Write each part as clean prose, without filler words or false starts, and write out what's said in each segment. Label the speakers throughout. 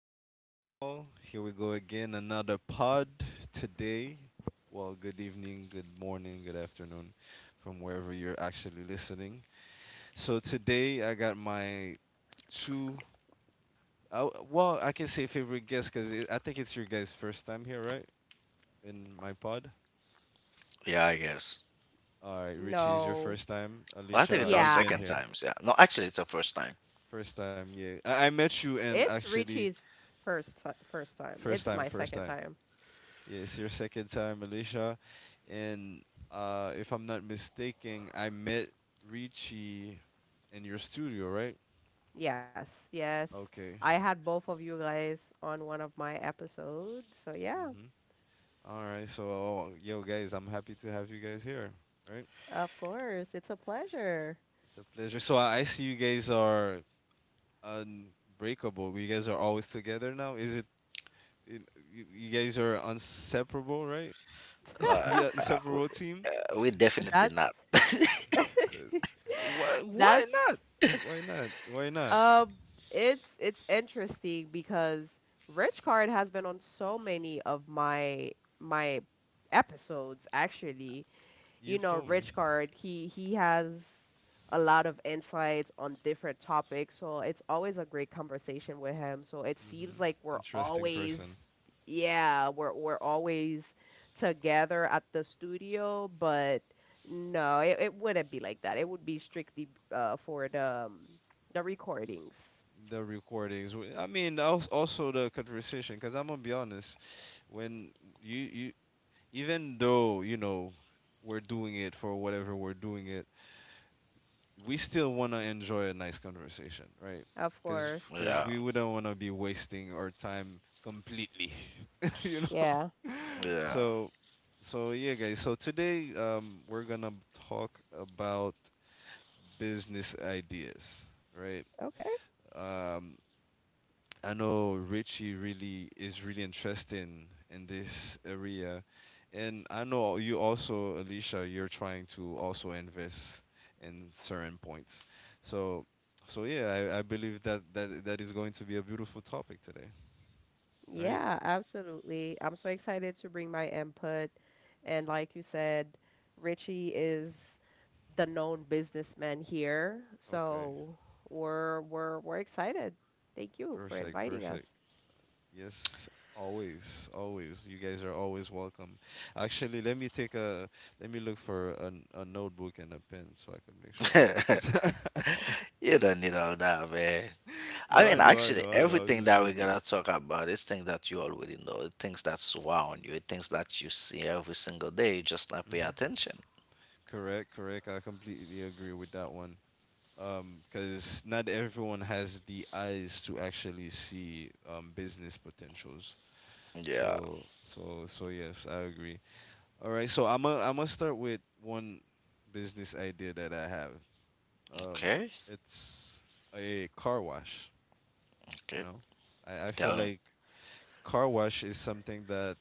Speaker 1: your boy Carl. Here we go again, another pod today. Well, good evening, good morning, good afternoon from wherever you're actually listening. So today I got my two, I can say favorite guest because I think it's your guys' first time here, right? In my pod.
Speaker 2: Yeah, I guess.
Speaker 1: All right, Richie is your
Speaker 3: No.
Speaker 1: first time.
Speaker 2: Well, I think it's
Speaker 1: Alicia,
Speaker 2: our
Speaker 3: Yeah,
Speaker 1: you've been
Speaker 2: second
Speaker 1: here.
Speaker 2: times. Yeah. No, actually, it's our first time.
Speaker 1: First time, yeah. I met you and
Speaker 3: it's
Speaker 1: actually,
Speaker 3: Richie's first time.
Speaker 1: first
Speaker 3: It's
Speaker 1: time,
Speaker 3: my
Speaker 1: first
Speaker 3: second
Speaker 1: time.
Speaker 3: time.
Speaker 1: It's your second time, Alicia. And if I'm not mistaken, I met Richie in your studio, right?
Speaker 3: Yes, yes.
Speaker 1: Okay.
Speaker 3: I had both of you guys on one of my episodes. So yeah,
Speaker 1: Mm-hmm. All right. So, yo, guys, I'm happy to have you guys here, right?
Speaker 3: of course, it's a pleasure.
Speaker 1: It's a pleasure. So, I see you guys are unbreakable. You guys are always together now. Is it, you guys are inseparable, right?
Speaker 2: Uh,
Speaker 1: The
Speaker 2: uh, we,
Speaker 1: inseparable team?
Speaker 2: we definitely
Speaker 3: That's
Speaker 2: not.
Speaker 1: Uh, why, why
Speaker 3: that's
Speaker 1: not? Why not? Why not?
Speaker 3: um it's interesting because Rich Card has been on so many of my my episodes actually. You
Speaker 1: You've
Speaker 3: know,
Speaker 1: told me.
Speaker 3: Richcard, he has a lot of insights on different topics, so it's always a great conversation with him. So it seems
Speaker 1: Hmm.
Speaker 3: like we're
Speaker 1: Interesting person.
Speaker 3: always, yeah, we're always together at the studio, but no, it wouldn't be like that. It would be strictly for the recordings,
Speaker 1: The recordings. I mean, also the conversation. Because I'm gonna be honest, when you even though you know we're doing it for whatever we're doing it, we still wanna enjoy a nice conversation, right?
Speaker 3: of
Speaker 1: Because
Speaker 3: course.
Speaker 1: because
Speaker 2: Yeah.
Speaker 1: we wouldn't wanna be wasting our time completely, you know.
Speaker 3: Yeah.
Speaker 1: So so yeah, guys. So today, we're gonna talk about business ideas, right?
Speaker 3: Okay.
Speaker 1: Um, I know Richie really is really interested in this area, and I know you also, Alicia, you're trying to also invest in certain points. So, so, yeah, I believe that that is going to be a beautiful topic today. All right.
Speaker 3: Yeah, absolutely. I'm so excited to bring my input. And like you said, Richie is the known businessman here.
Speaker 1: Okay.
Speaker 3: So we're excited. Thank you for
Speaker 1: Perfect.
Speaker 3: inviting us.
Speaker 1: Perfect. Yes. Always, always. You guys are always welcome. Actually, let me look for a notebook and a pen so I can make sure I take
Speaker 2: Yeah.
Speaker 1: notes.
Speaker 2: You don't need all that, man. I
Speaker 1: No,
Speaker 2: mean, actually,
Speaker 1: I know. I was
Speaker 2: everything
Speaker 1: just
Speaker 2: that we're
Speaker 1: joking.
Speaker 2: gonna talk about is things that you already know, the things that surround you, the things that you see every single day. You just not pay
Speaker 1: Hmm.
Speaker 2: attention.
Speaker 1: Correct, correct. I completely agree with that one. Because not everyone has the eyes to actually see business potentials.
Speaker 2: Yeah.
Speaker 1: So, yes, I agree. All right, so I'm gonna start with one business idea that I have. Um,
Speaker 2: Okay.
Speaker 1: it's a car wash. You
Speaker 2: Okay.
Speaker 1: know, I feel
Speaker 2: Tell me.
Speaker 1: like car wash is something that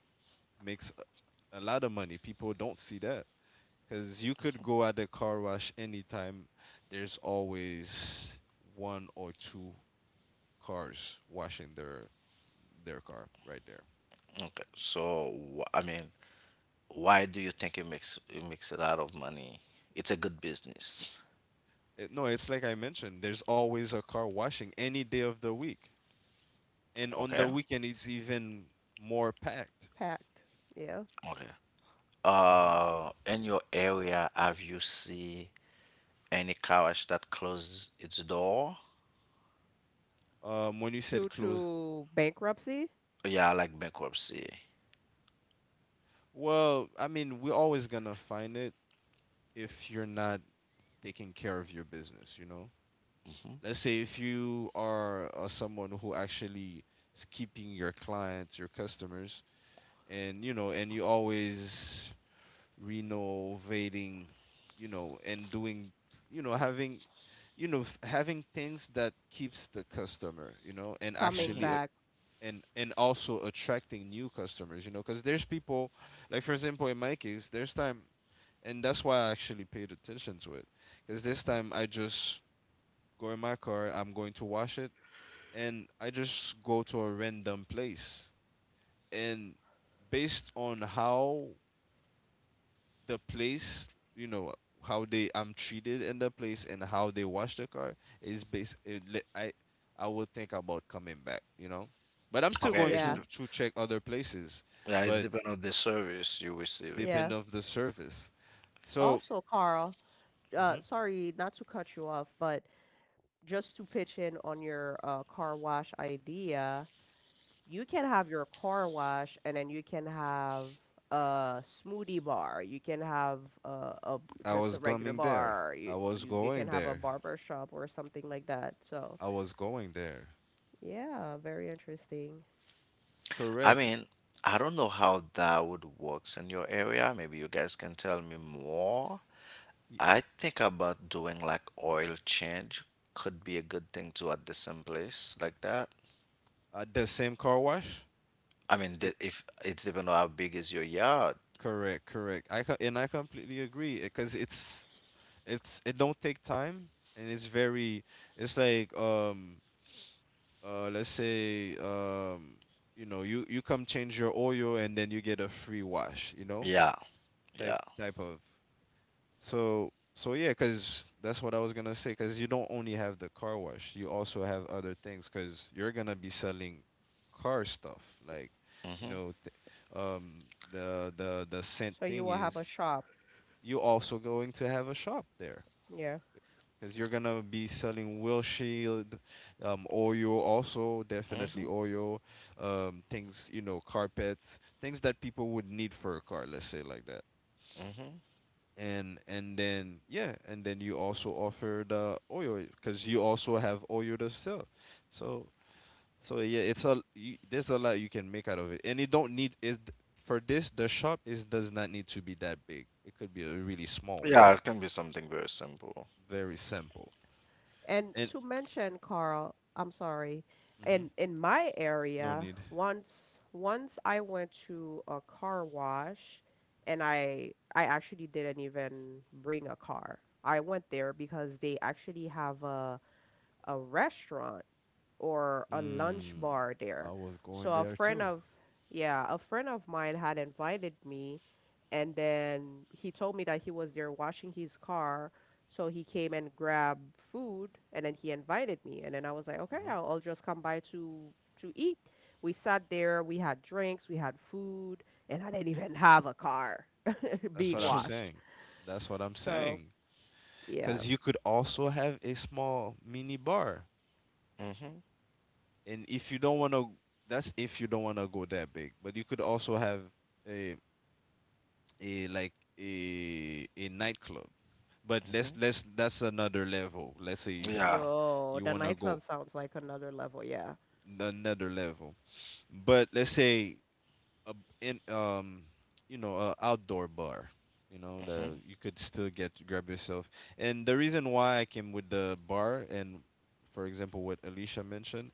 Speaker 1: makes a lot of money. People don't see that. Because you could go at the car wash anytime. There's always one or two cars washing their car right there.
Speaker 2: Okay. So, I mean, why do you think it makes a lot of money? It's a good business.
Speaker 1: It, no, it's like I mentioned. There's always a car washing any day of the week, and on the
Speaker 2: Okay.
Speaker 1: weekend it's even more packed.
Speaker 3: Packed. Yeah.
Speaker 2: Okay.
Speaker 1: Hmm.
Speaker 2: In your area, have you see any carriage that close its door?
Speaker 1: When you
Speaker 3: Due
Speaker 1: said close,
Speaker 3: to bankruptcy,
Speaker 2: Yeah, like bankruptcy.
Speaker 1: well, I mean we're always gonna find it if you're not taking care of your business. You know,
Speaker 2: Hmm.
Speaker 1: let's say if you are someone who actually is keeping your clients, your customers, and you know, and you always renovating, you know, and doing, you know, having, you know, having things that keeps the customer, you know, and
Speaker 3: coming
Speaker 1: actually.
Speaker 2: Hmm.
Speaker 3: back.
Speaker 1: And also attracting new customers, you know, because there's people, like for example, in my case, there's time, and that's why I actually paid attention to it, because this time I just go in my car, I'm going to wash it, and I just go to a random place. And based on how the place, you know, how they I'm treated in the place and how they wash the car is based. It, I would think about coming back, you know. But I'm still
Speaker 2: Okay,
Speaker 1: going
Speaker 3: Yeah.
Speaker 1: to to check other places,
Speaker 2: yeah, it's
Speaker 1: but
Speaker 2: depend on the service you're receiving.
Speaker 3: Yeah.
Speaker 1: depend of the service. So
Speaker 3: Also, Carl,
Speaker 1: mhm,
Speaker 3: sorry not to cut you off, but just to pitch in on your car wash idea, you can have your car wash and then you can have a smoothie bar. You can have a
Speaker 1: I
Speaker 3: just
Speaker 1: was
Speaker 3: a regular
Speaker 1: coming there.
Speaker 3: bar.
Speaker 1: I
Speaker 3: You,
Speaker 1: was
Speaker 3: you you
Speaker 1: going
Speaker 3: can have a
Speaker 1: there.
Speaker 3: barber shop or something like that. So,
Speaker 1: I was going there.
Speaker 3: yeah, very interesting.
Speaker 2: I
Speaker 1: Correct.
Speaker 2: mean, I don't know how that would works in your area. Maybe you guys can tell me more.
Speaker 1: Y-
Speaker 2: I think about doing like oil change could be a good thing to at the same place like that.
Speaker 1: The same car wash.
Speaker 2: I mean,
Speaker 1: The,
Speaker 2: the- if it's depend on how big is your yard.
Speaker 1: Correct, correct. And I completely agree because it's it don't take time and it's very it's like let's say you know you come change your oil and then you get a free wash, you know,
Speaker 2: Yeah,
Speaker 1: type
Speaker 2: yeah.
Speaker 1: type of. So yeah, because that's what I was gonna say, because you don't only have the car wash, you also have other things, because you're gonna be selling car stuff like, you
Speaker 2: Mm-hmm.
Speaker 1: know, um the the scent
Speaker 3: So you
Speaker 1: thing
Speaker 3: will have a
Speaker 1: is
Speaker 3: shop.
Speaker 1: you also going to have a shop there,
Speaker 3: Yeah.
Speaker 1: because you're gonna be selling Will Shield, Oyo, also definitely
Speaker 2: Mm-hmm.
Speaker 1: Oyo, things, you know, carpets, things that people would need for a car, let's say like that.
Speaker 2: Mm-hmm.
Speaker 1: And then yeah, and then you also offer the Oyo because you also have Oyo to sell. So so yeah, it's a you, there's a lot you can make out of it, and it don't need is for this the shop is does not need to be that big. It could be a really small one,
Speaker 2: Yeah, it can be something very simple.
Speaker 1: very simple.
Speaker 3: And
Speaker 1: And
Speaker 3: to mention, Carl, I'm sorry,
Speaker 1: hmm
Speaker 3: in my
Speaker 1: no
Speaker 3: area,
Speaker 1: need.
Speaker 3: once once I went to a car wash and I actually didn't even bring a car. I went there because they actually have a restaurant or a lunch
Speaker 1: Mm,
Speaker 3: bar
Speaker 1: I
Speaker 3: there.
Speaker 1: was
Speaker 3: So
Speaker 1: going
Speaker 3: a
Speaker 1: there
Speaker 3: friend
Speaker 1: too.
Speaker 3: of, yeah, a friend of mine had invited me, and then he told me that he was there washing his car. So he came and grabbed food, and then he invited me, and then I was like, okay, I'll,
Speaker 1: Hmm.
Speaker 3: I'll just come by to eat. We sat there, we had drinks, we had food, and I didn't even have a car
Speaker 1: That's
Speaker 3: being
Speaker 1: what I'm
Speaker 3: washed.
Speaker 1: saying. That's what I'm
Speaker 3: So
Speaker 1: saying.
Speaker 3: yeah.
Speaker 1: Because you could also have a small mini bar,
Speaker 2: Mm-hmm.
Speaker 1: and if you don't want to, that's if you don't want to go that big. But you could also have a a like a nightclub. But let's
Speaker 2: Mm-hmm.
Speaker 1: let's that's another level. Let's say if
Speaker 2: Yeah.
Speaker 1: you
Speaker 3: Yo,
Speaker 1: you
Speaker 3: the
Speaker 1: want to go
Speaker 3: nightclub sounds like another level, yeah.
Speaker 1: another level. But let's say a in you know a outdoor bar, you know, the
Speaker 2: Mm-hmm.
Speaker 1: you could still get grab yourself. And the reason why I came with the bar, and for example what Alicia mentioned,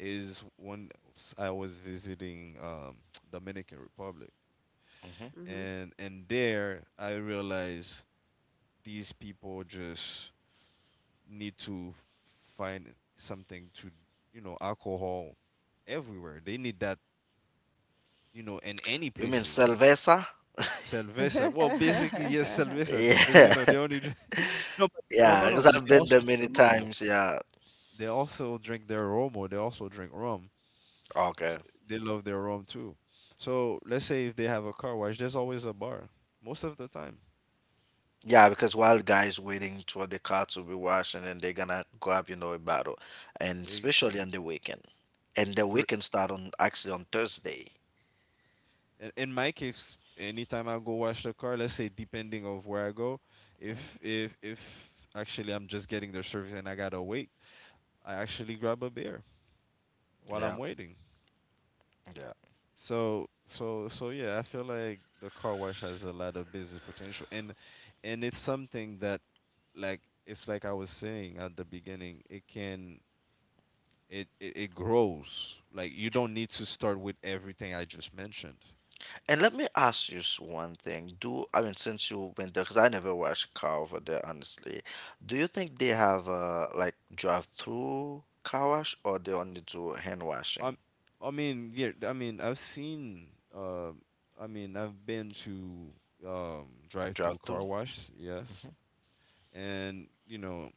Speaker 1: is when I was visiting Dominican Republic,
Speaker 2: Mm-hmm.
Speaker 1: and there I realized these people just need to find something to, you know, alcohol everywhere, they need that, you know, in any
Speaker 2: You mean
Speaker 1: places.
Speaker 2: cerveza?
Speaker 1: Cerveza. Well, basically, yes,
Speaker 3: Mm-hmm.
Speaker 1: cerveza, because you
Speaker 2: Yeah.
Speaker 1: know they only drink. No, but, no,
Speaker 2: Yeah,
Speaker 1: no, no.
Speaker 2: because
Speaker 1: But
Speaker 2: I've
Speaker 1: they
Speaker 2: been
Speaker 1: also
Speaker 2: there many
Speaker 1: drink romo.
Speaker 2: times. Yeah.
Speaker 1: They also drink their romo. They also drink rum. S-
Speaker 2: Okay.
Speaker 1: They love their rum too. So let's say if they have a car wash, there's always a bar. Most of the time,
Speaker 2: Yeah, because while guys waiting for the car to be washed and then they're gonna grab, you know, a bottle. And
Speaker 1: they
Speaker 2: especially on the weekend. And the
Speaker 1: for
Speaker 2: weekend start on actually on Thursday.
Speaker 1: in my case, anytime I go wash the car, let's say depending of where I go, if
Speaker 2: Mhm.
Speaker 1: if if actually I'm just getting their service and I gotta wait, I actually grab a beer while I'm waiting.
Speaker 2: Yeah.
Speaker 1: So yeah, I feel like the car wash has a lot of business potential, and it's something that like it's like I was saying at the beginning, it can it grows. Like you don't need to start with everything I just mentioned.
Speaker 2: And let me ask you one thing. Do I mean, since you went there, because I never watched a car over there, honestly. Do you think they have like drive-through car wash or they only do hand washing?
Speaker 1: Um I mean, yeah, I've seen uh I mean, I've been to drive-through
Speaker 2: Drive-through?
Speaker 1: car wash, yes. And you know,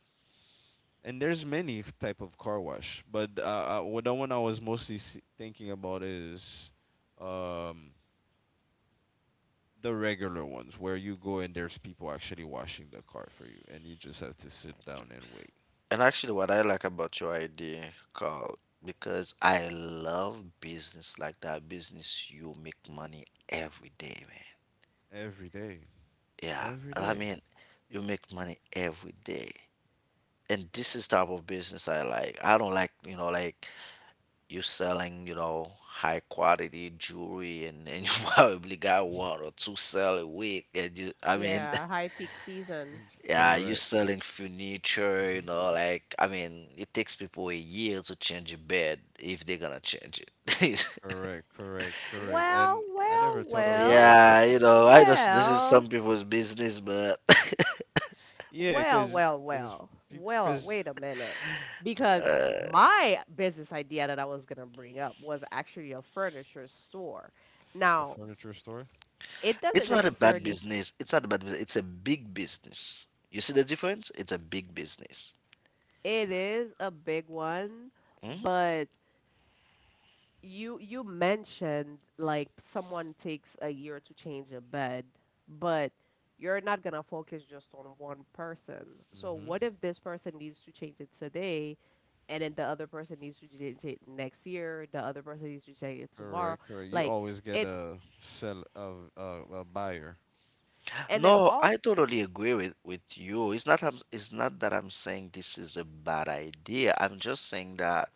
Speaker 1: and there's many type of car wash, but well, the one I was mostly thinking about is um, the regular ones where you go and there's people actually washing the car for you, and you just have to sit down and wait.
Speaker 2: And actually, what I like about your idea, Carl, because I love business like that. Business you make money every day, man.
Speaker 1: Every day,
Speaker 2: Yeah,
Speaker 1: every
Speaker 2: I
Speaker 1: day.
Speaker 2: mean, you make money every day. And this is type of business I like. I don't like, you know, like you're selling, you know, high quality jewelry and you probably got one or two sell a week and you I mean
Speaker 3: Yeah, high peak
Speaker 1: Is-
Speaker 3: seasons.
Speaker 2: yeah, you're
Speaker 1: Correct.
Speaker 2: selling furniture, you
Speaker 1: Mm-hmm.
Speaker 2: know, like I mean, it takes people a year to change a bed if they're gonna change it.
Speaker 1: Correct, correct, correct.
Speaker 3: Well,
Speaker 1: And I
Speaker 3: well,
Speaker 1: never thought of it like
Speaker 3: well,
Speaker 1: that.
Speaker 2: Yeah, you know, I just this is some
Speaker 3: well,
Speaker 2: people's business, but
Speaker 1: Yeah,
Speaker 3: well, well,
Speaker 1: cause,
Speaker 3: well, well,
Speaker 1: cause
Speaker 3: wait a minute. Because my business idea that I was going to bring up was actually a furniture store.
Speaker 1: a
Speaker 3: Now,
Speaker 1: furniture store.
Speaker 3: it
Speaker 2: it's
Speaker 3: doesn't
Speaker 2: not a bad
Speaker 3: necessarily,
Speaker 2: business. It's not a bad business. It's a big business. You see the difference? It's a big business.
Speaker 3: it is a big one,
Speaker 2: Hmm?
Speaker 3: but you mentioned like someone takes a year to change a bed, but you're not gonna focus just on one person. So what if this person needs to change it today, and then the other person needs to change it next year, the other person needs to change it tomorrow,
Speaker 1: Correct, correct. You
Speaker 3: like
Speaker 1: always get
Speaker 3: it,
Speaker 1: a sell of a buyer.
Speaker 3: and then
Speaker 2: No,
Speaker 3: all
Speaker 2: I totally agree with you. It's not it's not that I'm saying this is a bad idea. I'm just saying that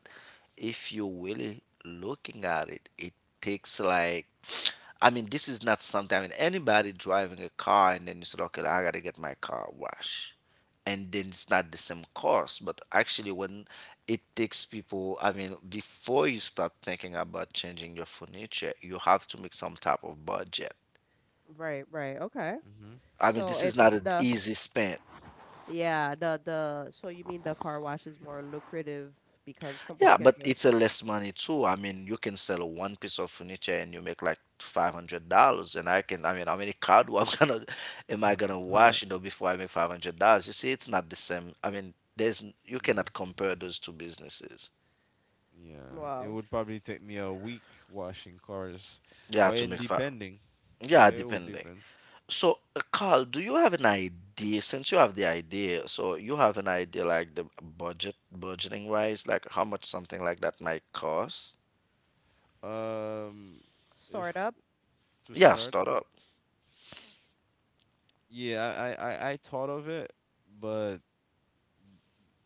Speaker 2: if you're really looking at it, it takes like I mean, this is not something. I mean, anybody driving a car and then you said, okay, I gotta get my car washed. And then it's not the same cost, but actually when it takes people, I mean, before you start thinking about changing your furniture, you have to make some type of budget.
Speaker 3: right, right, okay.
Speaker 1: Mhm.
Speaker 2: I mean,
Speaker 3: So
Speaker 2: this is
Speaker 1: Mhm.
Speaker 3: it's
Speaker 2: not an
Speaker 3: the
Speaker 2: easy spend.
Speaker 3: yeah, the so you mean the car wash is more lucrative because someone
Speaker 2: Yeah,
Speaker 3: can
Speaker 2: but
Speaker 3: just
Speaker 2: it's a less money too. I mean, you can sell one piece of furniture and you make like $500. And I can, I mean, how many car do I'm gonna, am I gonna wash, you know, before I make $500? You see, it's not the same. I mean, you
Speaker 1: Yeah.
Speaker 2: cannot compare those two businesses.
Speaker 1: Yeah. It
Speaker 3: well
Speaker 1: would probably take me a week washing cars,
Speaker 2: Yeah,
Speaker 1: or
Speaker 2: to
Speaker 1: in
Speaker 2: make five.
Speaker 1: depending, and
Speaker 2: Yeah,
Speaker 1: it would
Speaker 2: depending.
Speaker 1: depend.
Speaker 2: So, Carl, do you have an idea? Since you have the idea, so you have an idea like the budgeting wise, like how much something like that might cost?
Speaker 1: Um,
Speaker 3: start
Speaker 1: if
Speaker 3: up,
Speaker 1: to
Speaker 2: Yeah,
Speaker 1: start,
Speaker 2: start up.
Speaker 1: yeah, I thought of it, but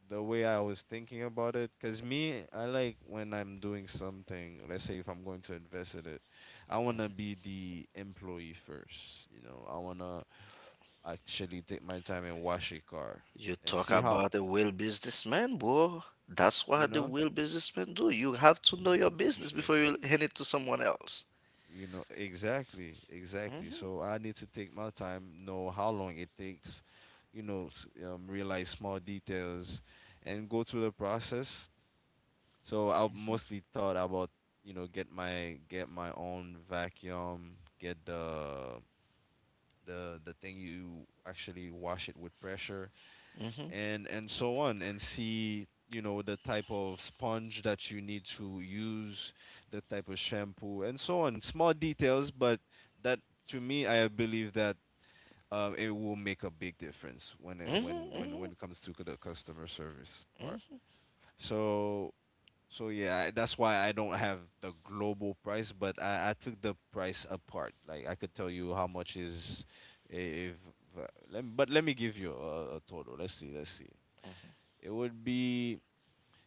Speaker 1: the way I was thinking about it, because me, I like when I'm doing something, let's say if I'm going to invest in it, I want to be the employee first. You know, I want to actually take my time and wash a car
Speaker 2: You
Speaker 1: and
Speaker 2: talk
Speaker 1: see how,
Speaker 2: about a real businessman, bro. That's
Speaker 1: you
Speaker 2: what the
Speaker 1: know,
Speaker 2: real businessman do. You have to know your business
Speaker 1: appreciate
Speaker 2: before
Speaker 1: it.
Speaker 2: you hand it to someone else.
Speaker 1: You know, exactly, exactly.
Speaker 2: Mm-hmm.
Speaker 1: So I need to take my time, know how long it takes, you know, realize small details and go through the process. So I mostly thought about, you know, get my own vacuum, get the the thing you actually wash it with pressure
Speaker 2: Hmm.
Speaker 1: and so on, and see, you know, the type of sponge that you need to use, the type of shampoo and so on. Small details, but that to me I believe that it will make a big difference when
Speaker 2: Hmm.
Speaker 1: it comes to the customer service part.
Speaker 2: Hmm.
Speaker 1: So so yeah, that's why I don't have the global price, but I took the price apart. Like I could tell you how much is if let but let me give you a total. Let's see. It would be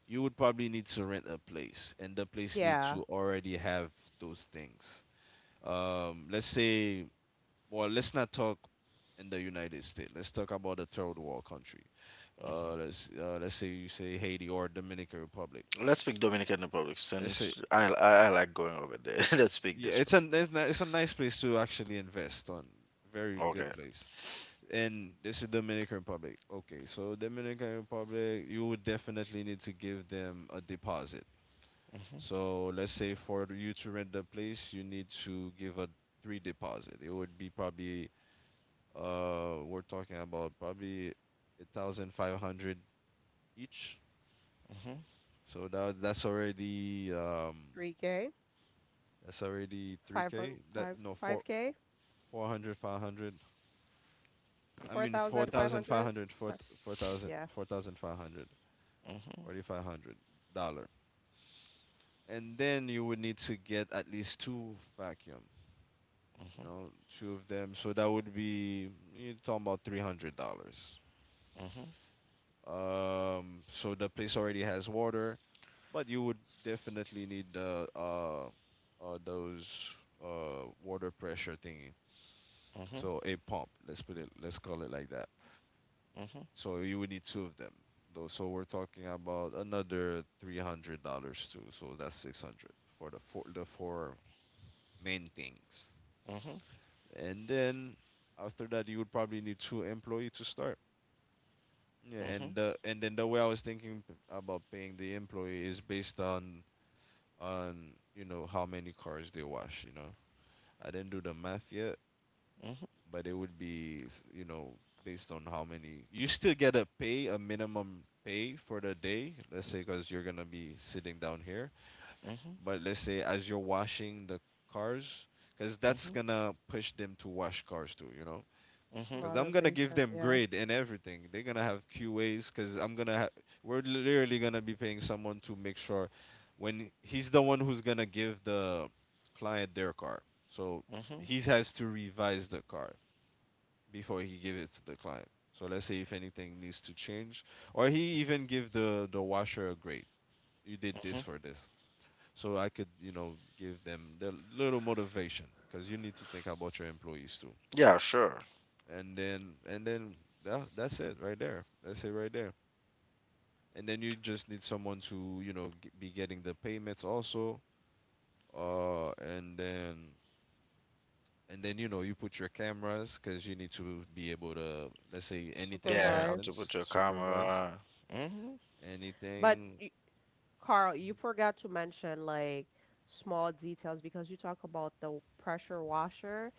Speaker 1: you would probably need to rent a place, and the place need
Speaker 3: yeah,
Speaker 1: to already have those things. Let's say, well, let's not talk in the United States. Let's talk about a third world country. Let's say you say Haiti or Dominican Republic,
Speaker 2: Let's pick Dominican Republic
Speaker 1: let's say
Speaker 2: since I like going over there. Let's pick
Speaker 1: yeah,
Speaker 2: this
Speaker 1: it's a it's it's a nice place to actually invest on. Very
Speaker 2: one.
Speaker 1: good
Speaker 2: Okay.
Speaker 1: place. And this is Dominican Republic. Okay, so Dominican Republic, you would definitely need to give them a deposit.
Speaker 2: Mm-hmm,
Speaker 1: So let's say for you to rent the place, you need to give a three deposit. It would be probably, we're talking about probably 1,500 each.
Speaker 2: mm-hmm.
Speaker 1: So that's already
Speaker 3: 3K.
Speaker 1: that's already three
Speaker 3: 500,
Speaker 1: k. That, no, four,
Speaker 3: five K,
Speaker 1: four hundred, five hundred. I
Speaker 3: four
Speaker 1: mean, four
Speaker 3: thousand five
Speaker 1: thousand five
Speaker 3: hundred.
Speaker 1: hundred, four, four thousand,
Speaker 3: Yeah,
Speaker 1: four thousand five hundred,
Speaker 2: Hmm.
Speaker 1: $4,500. And then you would need to get at least two vacuum, you
Speaker 2: Hmm.
Speaker 1: know, two of them. So that would be, you're talking about $300.
Speaker 2: Hmm.
Speaker 1: So the place already has water, but you would definitely need the those water pressure thingy.
Speaker 2: Hmm. Hmm.
Speaker 1: So a pump. Let's put it. Let's call it like that.
Speaker 2: Hmm.
Speaker 1: So you would need two of them. Though, so we're talking about another $300 too. So that's 600 for the four main things.
Speaker 2: Hmm.
Speaker 1: And then after that, you would probably need two employee to start. Yeah, and then the way I was thinking about paying the employee is based on you know how many cars they wash. You know, I didn't do the math yet, but it would be you know, based on how many, you still get a pay, a minimum pay for the day, let's say, because you're gonna be sitting down here. But let's say as you're washing the cars, because that's gonna push them to wash cars too, you know.
Speaker 2: Hmm. Hmm.
Speaker 1: Because I'm gonna give
Speaker 3: motivation.
Speaker 1: them
Speaker 3: Yeah,
Speaker 1: grade and everything, they're gonna have QAs, because we're literally gonna be paying someone to make sure when he's the one who's gonna give the client their car. So
Speaker 2: Hmm. Hmm.
Speaker 1: he has to revise the car before he give it to the client. So let's say if anything needs to change, or he even give the washer a grade. You did this for this, so I could, you know, give them the little motivation, because you need to think about your employees too.
Speaker 2: Yeah, sure.
Speaker 1: And then that's it right there. That's it right there. And then you just need someone to, you know, be getting the payments also. Uh, and then and then you know, you put your cameras, because you need to be able to, let's say, anything that
Speaker 2: Yeah, you have
Speaker 3: supervise.
Speaker 2: to put
Speaker 1: happens,
Speaker 2: your
Speaker 1: supervise.
Speaker 2: camera. Hmm.
Speaker 3: But
Speaker 1: Anything?
Speaker 3: y- Carl, you forgot to mention like small details because you talk about the pressure washer,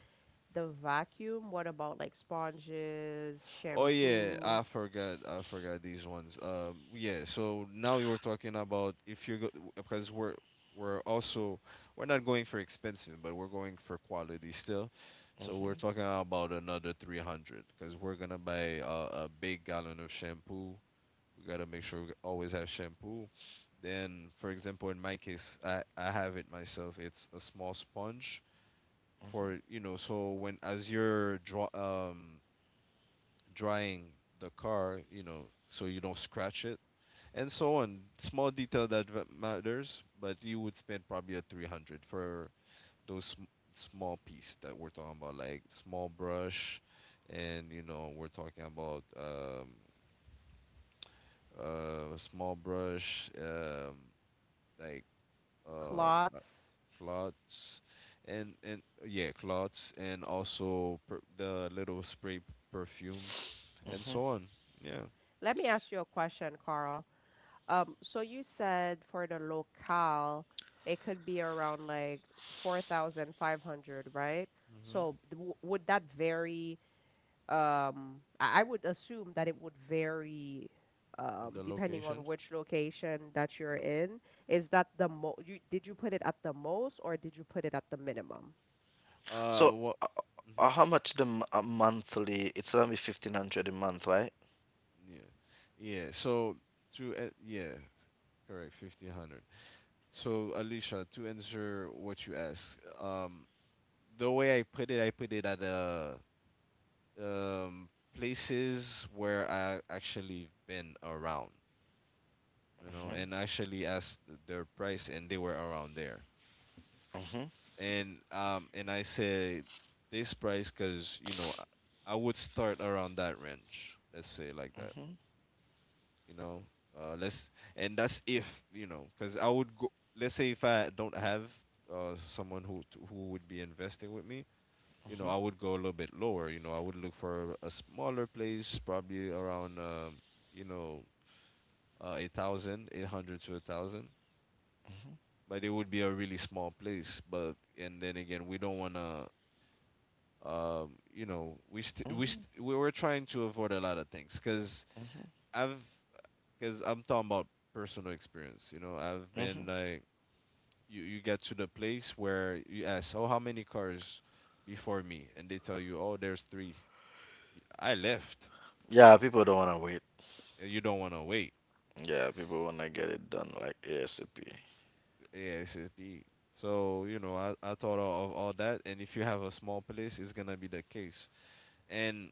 Speaker 3: the vacuum. What about like sponges,
Speaker 1: Oh yeah,
Speaker 3: shampoo,
Speaker 1: I forgot. I forgot these ones. Yeah. So now you were talking about, if you go, because we're also, we're not going for expensive, but we're going for quality still. So we're
Speaker 2: Hmm.
Speaker 1: talking about another 300, because we're gonna buy a big gallon of shampoo. We gotta make sure we always have shampoo. Then, for example, in my case, I have it myself. It's a small sponge for, you know. So when, as you're draw drying the car, you know, so you don't scratch it, and so on. Small detail that matters, but you would spend probably a 300 for those small piece that we're talking about, like small brush, and you know, we're talking about small brush, like um, uh,
Speaker 3: cloths?
Speaker 1: clots, and yeah, clots, and also the little spray perfume, and
Speaker 2: Hmm.
Speaker 1: so on. Yeah.
Speaker 3: Let me ask you a question, Carl. So you said for the locale, it could be around like 4,500, right? So would that vary? I would assume that it would vary
Speaker 1: Of the
Speaker 3: depending on
Speaker 1: location.
Speaker 3: which location that you're in. Is that the mo you did you put it at the most or did you put it at the minimum?
Speaker 2: So,
Speaker 1: What? Hmm.
Speaker 2: how much the monthly? It's around 1,500 a month, right?
Speaker 1: Yeah, yeah. So yeah, correct, 1,500. So Alicia, to answer what you asked, the way I put it at um places where I actually been around, you know,
Speaker 2: Mm-hmm.
Speaker 1: and actually asked their price, and they were around there,
Speaker 2: Mm-hmm.
Speaker 1: and I said this price because, you know, I would start around that range, let's say, like that,
Speaker 2: Mm-hmm.
Speaker 1: you know. Let's And that's if, you know, because I would go, let's say, if I don't have someone who who would be investing with me, you know.
Speaker 2: Mm-hmm.
Speaker 1: I would go a little bit lower, you know. I would look for a smaller place, probably around, you know 8,000 to a 1,000. But it would be a really small place, but, and then again, we don't want to, you know,
Speaker 2: Mm-hmm.
Speaker 1: we were trying to avoid a lot of things because I've, because I'm talking about personal experience. You know, I've been
Speaker 2: Mm-hmm.
Speaker 1: like, you get to the place where you ask, oh, how many cars before me? And they tell you, oh, there's three. I left.
Speaker 2: Yeah, people don't wanna wait.
Speaker 1: And you don't want to wait.
Speaker 2: Yeah, people wanna get it done like ASAP.
Speaker 1: ASAP. So, you know, I thought of all that. And if you have a small place, it's going to be the case. And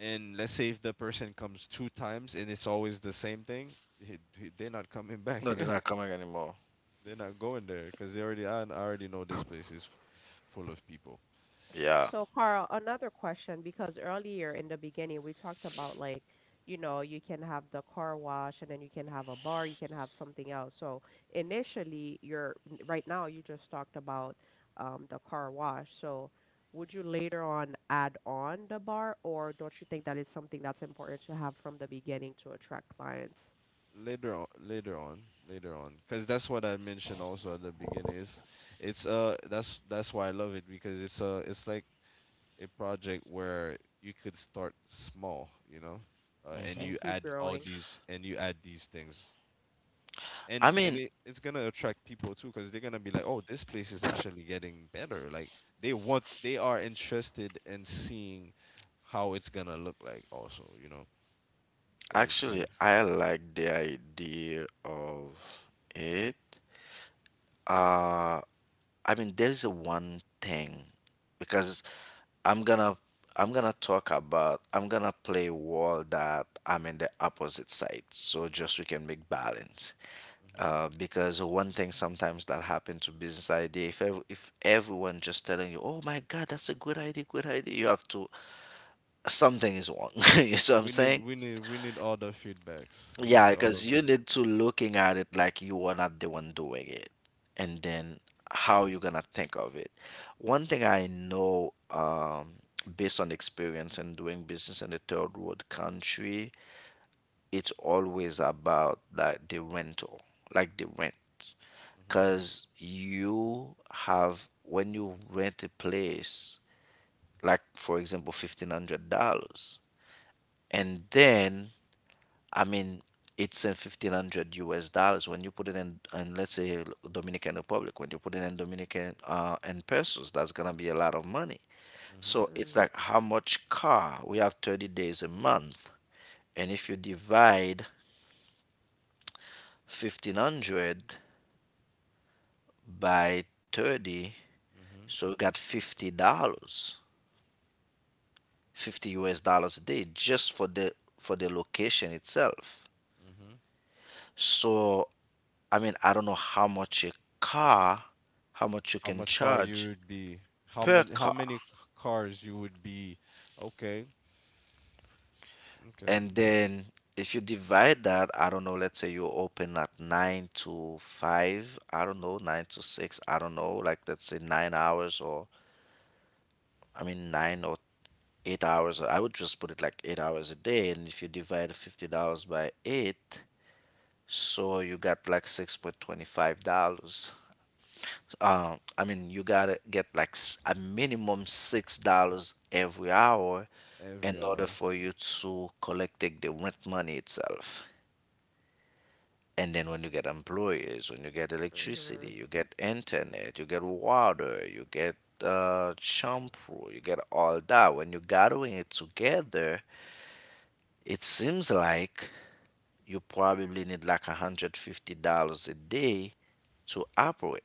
Speaker 1: let's say if the person comes two times and it's always the same thing, they're not coming back
Speaker 2: No, they're
Speaker 1: here.
Speaker 2: not coming anymore.
Speaker 1: They're not going there because they already, I already know this place is full of people.
Speaker 2: Yeah.
Speaker 3: So, Carl, another question because earlier in the beginning we talked about like, you know, you can have the car wash and then you can have a bar, you can have something else. So, initially, right now you just talked about the car wash. So, would you later on add on the bar, or don't you think that is something that's important to have from the beginning to attract clients
Speaker 1: Later on, later on, later on, because that's what I mentioned also at the beginning is, it's that's why I love it, because it's like a project where you could start small, you know. And
Speaker 3: and
Speaker 1: you
Speaker 3: keep
Speaker 1: add all
Speaker 3: growing?
Speaker 1: these, and you add these things.
Speaker 2: I
Speaker 1: And
Speaker 2: mean,
Speaker 1: it's gonna attract people too, because they're gonna be like, oh, this place is actually getting better. Like, they want, they are interested in seeing how it's gonna look like also, you know.
Speaker 2: actually,
Speaker 1: Because,
Speaker 2: I like the idea of it. Uh, I mean, there's a one thing because I'm gonna I'm gonna play wall that I'm in the opposite side, so just we can make balance. Because one thing sometimes that happen to business idea, if everyone just telling you, oh my God, that's a good idea, you have to something is wrong. You see what I'm
Speaker 1: We need
Speaker 2: saying?
Speaker 1: we need we need all the feedbacks. We
Speaker 2: Yeah,
Speaker 1: need all
Speaker 2: because
Speaker 1: of
Speaker 2: you
Speaker 1: them.
Speaker 2: need to looking at it like you are not the one doing it, and then how you gonna think of it. One thing I know, based on experience and doing business in a third world country, it's always about like the rental, like the rent,
Speaker 1: Mhm.
Speaker 2: because you have when you rent a place, like for example, $1,500, and then I mean, it's in 1500 US dollars when you put it in, and let's say Dominican Republic, when you put it in Dominican and pesos, that's gonna be a lot of money.
Speaker 1: Mhm.
Speaker 2: So it's
Speaker 3: Mm.
Speaker 2: like how much car? We have 30 days a month, and if you divide 1500 by 30,
Speaker 1: Mhm.
Speaker 2: so you got $50, 50 US dollars a day just for the location itself.
Speaker 1: Mhm.
Speaker 2: So, I mean, I don't know how much a car, how much you
Speaker 1: How
Speaker 2: can
Speaker 1: much car you
Speaker 2: charge
Speaker 1: would be? How
Speaker 2: per
Speaker 1: much? How
Speaker 2: car.
Speaker 1: many cars you would be? Okay. Okay.
Speaker 2: And then if you divide that, I don't know, let's say you open at 9 to 5, I don't know, 9 to 6, I don't know, like let's say 9 hours or I mean 9 or 8 hours. I would just put it like 8 hours a day. And if you divide $50 by 8, so you got like $6.25. I mean, you gotta get like a minimum $6 every hour in
Speaker 1: Every
Speaker 2: order
Speaker 1: hour.
Speaker 2: for you to collect the rent money itself. And then when you get employees, when you get electricity,
Speaker 3: Mm-hmm.
Speaker 2: you get internet, you get water, you get shampoo, you get all that when you're gathering it together. It seems like you probably need like $150 a day to operate.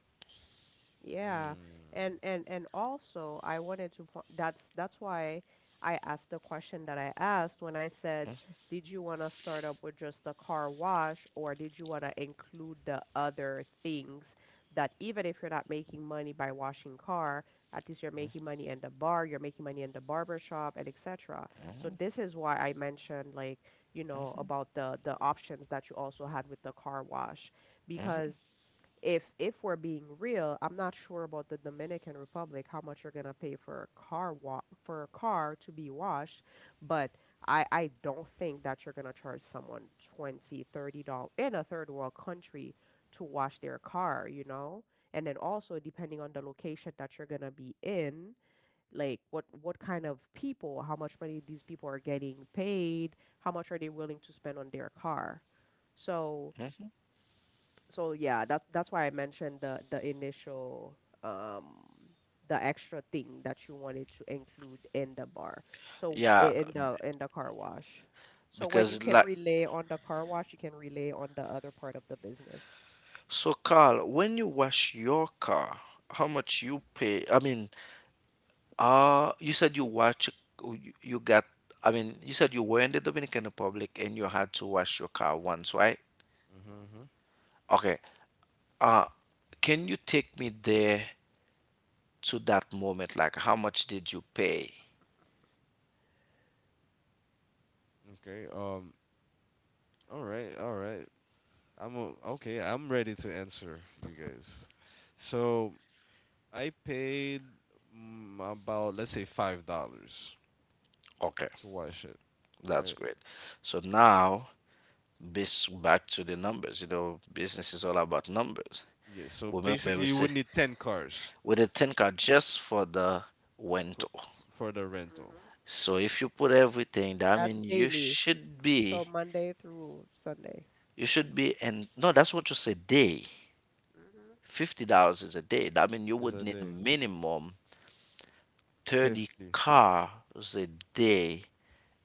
Speaker 3: Yeah,
Speaker 1: Mm.
Speaker 3: and also I wanted to po that's why I asked the question that I asked when I said, did you want to start up with just a car wash or did you want to include the other things that even if you're not making money by washing car, at least you're making money in the bar, you're making money in the barber shop and etc. So this is why I mentioned like, you know, about the options that you also had with the car wash because if we're being real, I'm not sure about the Dominican Republic, how much you're gonna pay for a car wa for a car to be washed, but I don't think that you're gonna charge someone $20-$30 in a third world country to wash their car, you know? And then also
Speaker 2: Hmm.
Speaker 3: depending on the location that you're gonna be in, like what kind of people, how much money these people are getting paid, how much are they willing to spend on their car. So
Speaker 2: Hmm.
Speaker 3: so yeah, that's why I mentioned the initial um the extra thing that you wanted to include in the bar. So
Speaker 2: Yeah,
Speaker 1: Mhm.
Speaker 3: in the car wash. So when you
Speaker 2: because
Speaker 3: can't
Speaker 2: like,
Speaker 3: relay on the car wash, you can relay on the other part of the business.
Speaker 2: so, Carl, when you wash your car, how much you pay? I mean, you said you watch, you got, I mean, you said you were in the Dominican Republic and you had to wash your car once, right?
Speaker 1: Mhm. Mhm.
Speaker 2: Okay. Uh, can you take me there to that moment? Like, how much did you pay?
Speaker 1: Okay. All right. All right. Okay. I'm ready to answer you guys. So I paid, mm, about, let's say, $5
Speaker 2: Okay,
Speaker 1: to watch it.
Speaker 2: that's
Speaker 1: Right.
Speaker 2: great. So now, bas back to the numbers. You know, business is all about numbers.
Speaker 1: Yeah, so
Speaker 2: Remember,
Speaker 1: basically
Speaker 2: we
Speaker 1: you
Speaker 2: say
Speaker 1: would need 10 cars
Speaker 2: with a 10 car just for the
Speaker 1: for
Speaker 2: window.
Speaker 1: for the rental.
Speaker 3: Mhm.
Speaker 2: So if you put everything, I
Speaker 3: That's
Speaker 2: mean,
Speaker 3: daily. So Monday through Sunday,
Speaker 2: you should be, and no, that's what you say day.
Speaker 3: Mhm.
Speaker 2: $50 is a day. I mean, you
Speaker 1: Is
Speaker 2: would
Speaker 1: a
Speaker 2: need
Speaker 1: day
Speaker 2: minimum 30
Speaker 1: 50.
Speaker 2: cars a day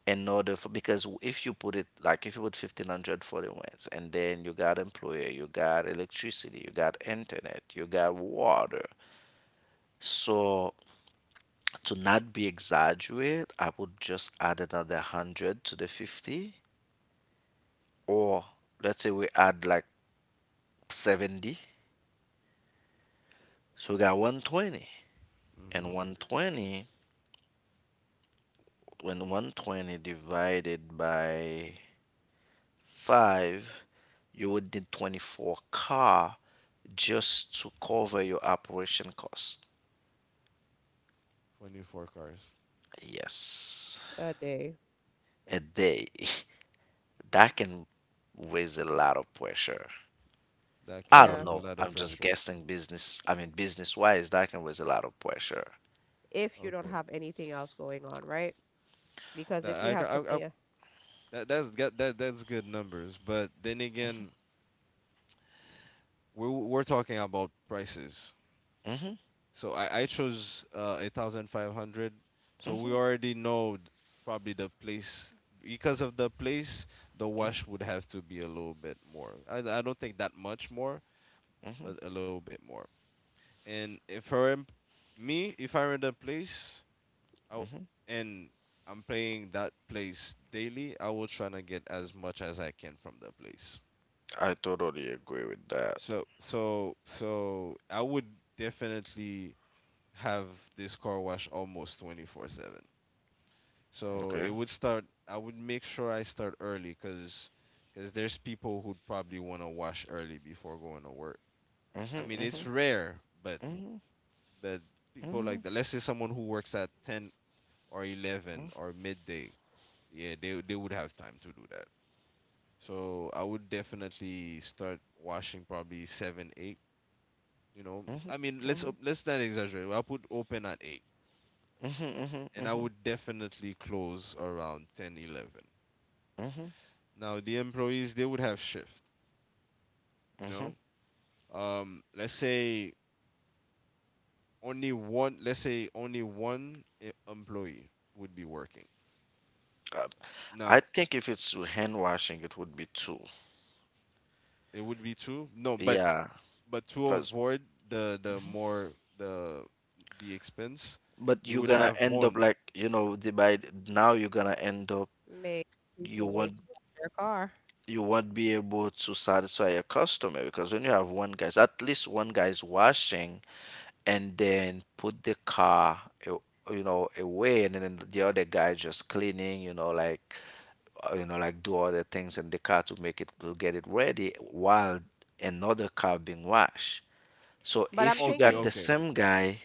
Speaker 2: in order for because if you put it like if you put 1,500 for the rent, and then you got employer, you got electricity, you got internet, you got water. So to not be exaggerate, I would just add another 100 to the 50, or let's say we add like 70. So we got 120. And
Speaker 1: Mhm.
Speaker 3: Mhm.
Speaker 2: 120, when 120 divided by 5, you would need 24 car just to cover your operation cost.
Speaker 1: 24 cars.
Speaker 2: Yes.
Speaker 3: A day.
Speaker 2: A day. That
Speaker 3: Mhm.
Speaker 2: can raise a lot of pressure.
Speaker 1: That
Speaker 2: I
Speaker 1: can
Speaker 2: don't
Speaker 3: Yeah.
Speaker 1: raise a
Speaker 2: know.
Speaker 1: lot of
Speaker 2: I'm just
Speaker 1: pressure.
Speaker 2: guessing business. I mean, business wise, that can raise a lot of pressure.
Speaker 3: If you don't
Speaker 1: Okay.
Speaker 3: have anything else going on, right? Because
Speaker 1: That
Speaker 3: if you
Speaker 1: I, ca-
Speaker 3: have
Speaker 1: I
Speaker 3: something,
Speaker 1: that that's got that that's good numbers, but then again, we're talking about prices.
Speaker 2: Hmm.
Speaker 1: So I chose 1,500. So we
Speaker 2: Hmm.
Speaker 1: already know probably the place, because of the place, the wash would have to be a little bit more. I don't think that much more,
Speaker 2: Hmm.
Speaker 1: but a little bit more. And if I'm me, if I'm in a place I,
Speaker 2: Hmm.
Speaker 1: and I'm playing that place daily, I will try to get as much as I can from the place.
Speaker 2: I totally agree with that.
Speaker 1: So, I would definitely have this car wash almost 24/7. So it
Speaker 2: Okay.
Speaker 1: would start, I would make sure I start early, cause because there's people who'd probably want to wash early before going to work. I
Speaker 2: Hmm.
Speaker 1: mean, it's
Speaker 2: Hmm.
Speaker 1: rare, but
Speaker 2: Hmm.
Speaker 1: But people like
Speaker 2: Mhm,
Speaker 1: that, let's say someone who works at 10 or 11
Speaker 2: mhm,
Speaker 1: or midday, yeah, they would have time to do that. So I would definitely start washing probably 7, 8, you know.
Speaker 2: mhm,
Speaker 1: I mean,
Speaker 2: mhm,
Speaker 1: let's not exaggerate. I'll put open at 8
Speaker 2: mhm,
Speaker 1: and I
Speaker 2: mhm,
Speaker 1: would definitely close around 10, 11.
Speaker 2: mhm, mhm,
Speaker 1: Now, the employees, they would have shift, you
Speaker 2: mhm.
Speaker 1: know. Let's say only one, let's say only one employee would be working.
Speaker 2: Uh, I
Speaker 1: Now,
Speaker 2: think if it's hand washing, it would be two.
Speaker 1: it would be two. No, but
Speaker 2: Yeah,
Speaker 1: but to
Speaker 2: because
Speaker 1: avoid the more the expense,
Speaker 2: but
Speaker 1: you
Speaker 2: you're
Speaker 1: would
Speaker 2: gonna
Speaker 1: have
Speaker 2: end up
Speaker 1: one.
Speaker 2: like, you know, the by now you're gonna end up
Speaker 3: make
Speaker 2: you
Speaker 3: people wait
Speaker 2: won't
Speaker 3: to wash their car.
Speaker 2: you won't be able to satisfy your customer because when you have one guy's, at least one guy's washing and then put the car you know away, and then the other guy just cleaning, you know, like you know, like do all the things in the car to make it to get it ready while another car being washed. So
Speaker 3: But I'm
Speaker 2: if you
Speaker 1: Okay,
Speaker 2: got the
Speaker 3: thinking
Speaker 1: okay.
Speaker 2: same guy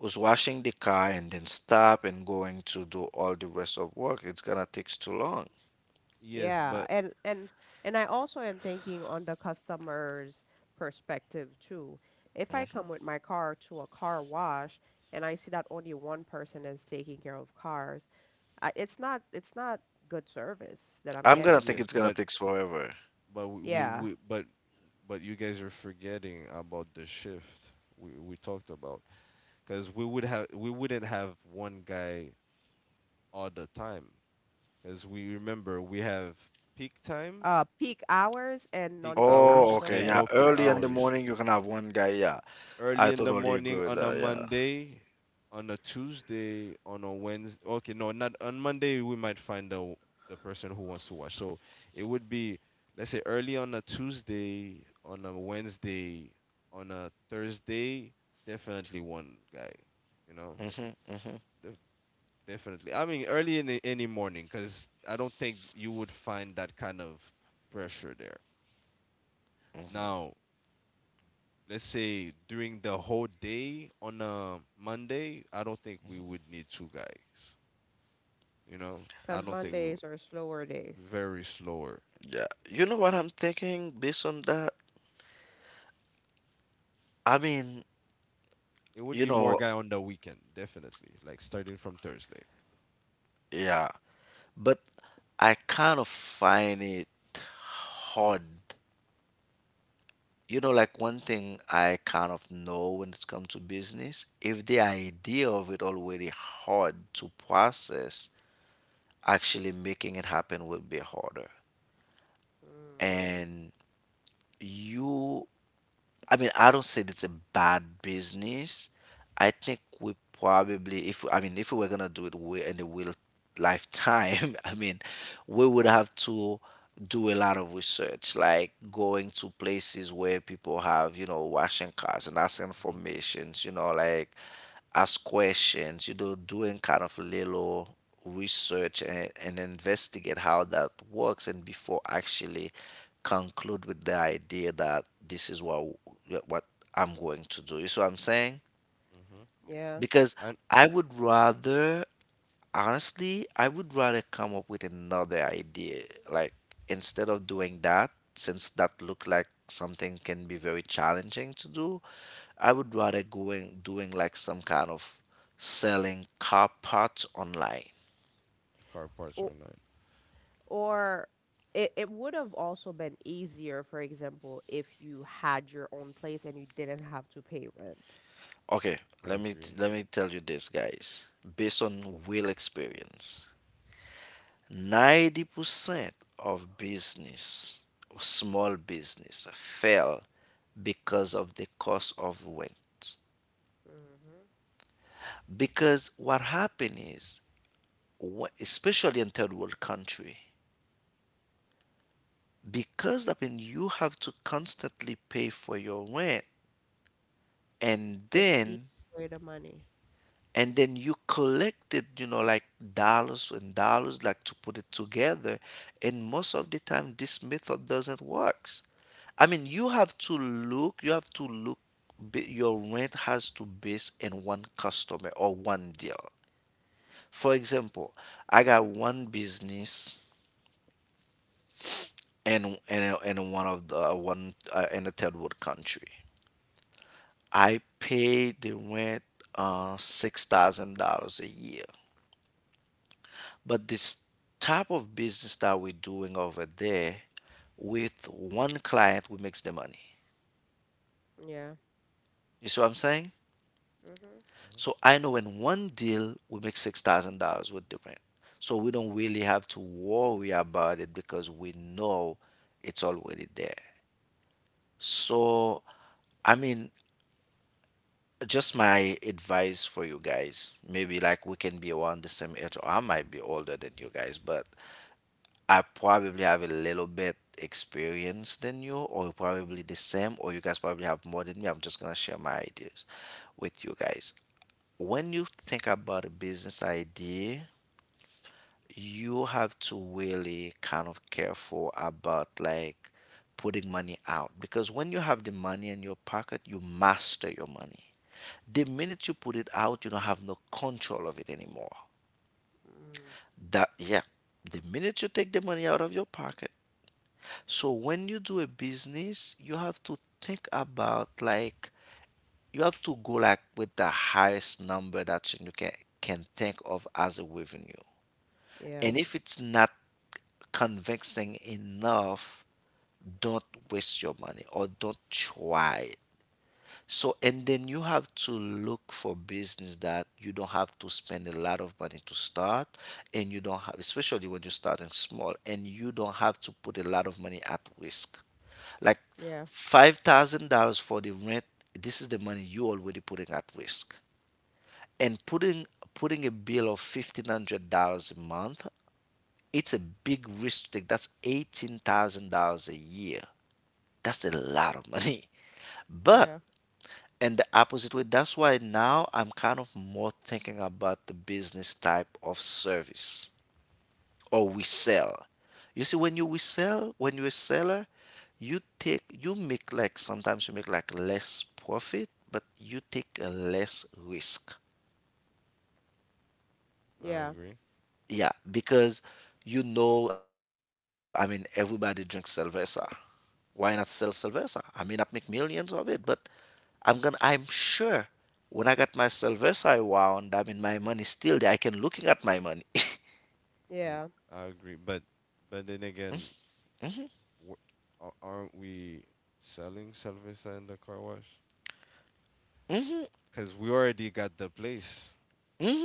Speaker 2: who's washing the car and then stop and going to do all the rest of work, it's gonna take too long.
Speaker 1: Yes,
Speaker 3: yeah,
Speaker 1: but,
Speaker 3: and and I also am thinking on the customer's perspective too. If I come with my car to a car wash and I see that only one person is taking care of cars, it's not good service that I'm
Speaker 2: I'm gonna
Speaker 3: getting.
Speaker 2: think
Speaker 1: yes,
Speaker 2: it's gonna
Speaker 1: but
Speaker 2: take forever.
Speaker 1: but
Speaker 3: Yeah.
Speaker 1: we but you guys are forgetting about the shift we talked about, because we would have, we wouldn't have one guy all the time, because we, remember, we have peak time,
Speaker 3: Peak hours and
Speaker 1: peak
Speaker 3: non-peak
Speaker 2: Oh,
Speaker 3: hours.
Speaker 1: hours,
Speaker 2: okay,
Speaker 1: and
Speaker 2: yeah.
Speaker 3: Okay,
Speaker 1: no peak
Speaker 3: I
Speaker 2: Early in the
Speaker 3: got you.
Speaker 1: hours.
Speaker 2: morning, you can have one guy. Yeah, I
Speaker 1: Early in the
Speaker 2: totally
Speaker 1: morning
Speaker 2: agree with
Speaker 1: on a
Speaker 2: that.
Speaker 1: Monday, on a Tuesday, on a Wednesday. Okay, no, not on Monday. We might find the person who wants to watch. So it would be, let's say, early on a Tuesday, on a Wednesday, on a Thursday. Definitely one guy. You know.
Speaker 2: Yeah. Hmm. Hmm.
Speaker 1: De- Definitely. I mean, early in the, any morning, because I don't think you would find that kind of pressure there. Now, let's say during the whole day on a Monday, I don't think we would need two guys. You know, I
Speaker 3: Cause
Speaker 1: don't think we would.
Speaker 3: Mondays are slower days.
Speaker 1: Very slower.
Speaker 2: Yeah. You know what I'm thinking based on that? I mean,
Speaker 1: It would
Speaker 2: you
Speaker 1: be more
Speaker 2: know,
Speaker 1: guy on the weekend, definitely. Like starting from Thursday.
Speaker 2: yeah. But I kind of find it hard. You know, like one thing I kind of know when it comes to business, if the idea of it already hard to process, actually making it happen will be harder.
Speaker 3: Mm,
Speaker 2: And you I mean, I don't say it's a bad business. I think we probably, if I mean, if we were gonna do in the real lifetime, I mean, we would have to do a lot of research, like going to places where people have, you know, washing cars and that's
Speaker 1: Hmm.
Speaker 2: informations, you know, like ask questions, you know, doing kind of a little research and investigate how that works and before actually conclude with the idea that this is what I'm going to do. You see what I'm saying?
Speaker 1: Hmm.
Speaker 3: yeah.
Speaker 2: Because
Speaker 1: And
Speaker 2: I would rather Honestly, I would rather come up with another idea. Like, instead of doing that, since that look like something can be very challenging to do, I would rather going doing like some kind of selling car parts online.
Speaker 1: car parts are not.
Speaker 3: Or it would have also been easier, for example, if you had your own place and you didn't have to pay rent.
Speaker 2: Okay,
Speaker 1: I agree.
Speaker 2: let me tell you this, guys. Based on real experience, 90% of business, small business, fail because of the cost of rent.
Speaker 3: Mhm.
Speaker 2: Because what happened is, especially in third world country, because that mean you have to constantly pay for your rent, and
Speaker 3: It's easy
Speaker 2: then
Speaker 3: way to money.
Speaker 2: and then you collected, you know, like dollars and dollars, like to put it together, and most of the time this method doesn't works. I mean, you have to look, your rent has to base in one customer or one deal. For example, I got one business. And in, and one of the one in a third world country. I pay the rent $6,000 a year. But this type of business that we're doing over there, with one client, we makes the money.
Speaker 3: Yeah.
Speaker 2: You see what I'm saying?
Speaker 3: Mhm.
Speaker 1: Hmm.
Speaker 2: So I know in one deal we make $6,000 with the rent. So we don't really have to worry about it because we know it's already there. So I mean, just my advice for you guys, maybe like we can be around the same age or I might be older than you guys, but I probably have a little bit experience than you, or probably the same, or you guys probably have more than me. I'm just gonna share my ideas with you guys. When you think about a business idea, you have to really kind of careful about like putting money out, because when you have the money in your pocket, you master your money. The minute you put it out, you don't have no control of it anymore.
Speaker 3: Mm.
Speaker 2: That, yeah. The minute you take the money out of your pocket. So when you do a business, you have to think about like, you have to go like with the highest number that you can think of as a revenue.
Speaker 3: Yeah.
Speaker 2: And if it's not convincing enough, don't waste your money or don't try. So, and then you have to look for business that you don't have to spend a lot of money to start, and you don't have, especially when you're starting small, and you don't have to put a lot of money at risk. Like
Speaker 3: Yeah.
Speaker 2: $5,000 for the rent, this is the money you already putting at risk. And putting a bill of $1,500 a month, it's a big risk to take. That's $18,000 a year. That's a lot of money. But
Speaker 3: Yeah.
Speaker 2: and the opposite way. That's why now I'm kind of more thinking about the business type of service or we sell. You see, when when you're a seller, you make like sometimes you make like less profit, but you take a less risk.
Speaker 1: I
Speaker 3: Yeah.
Speaker 1: agree.
Speaker 2: Yeah, because you know, I mean, everybody drinks Cerveza. Why not sell Sylvester? I may not make millions of it, but I'm sure when I got my Sylvester around, I mean my money still there. I can looking at my money.
Speaker 1: Mm,
Speaker 3: Yeah.
Speaker 1: I agree. But then again, w- aren't we selling Salvesa in the car wash? Because we already got the place.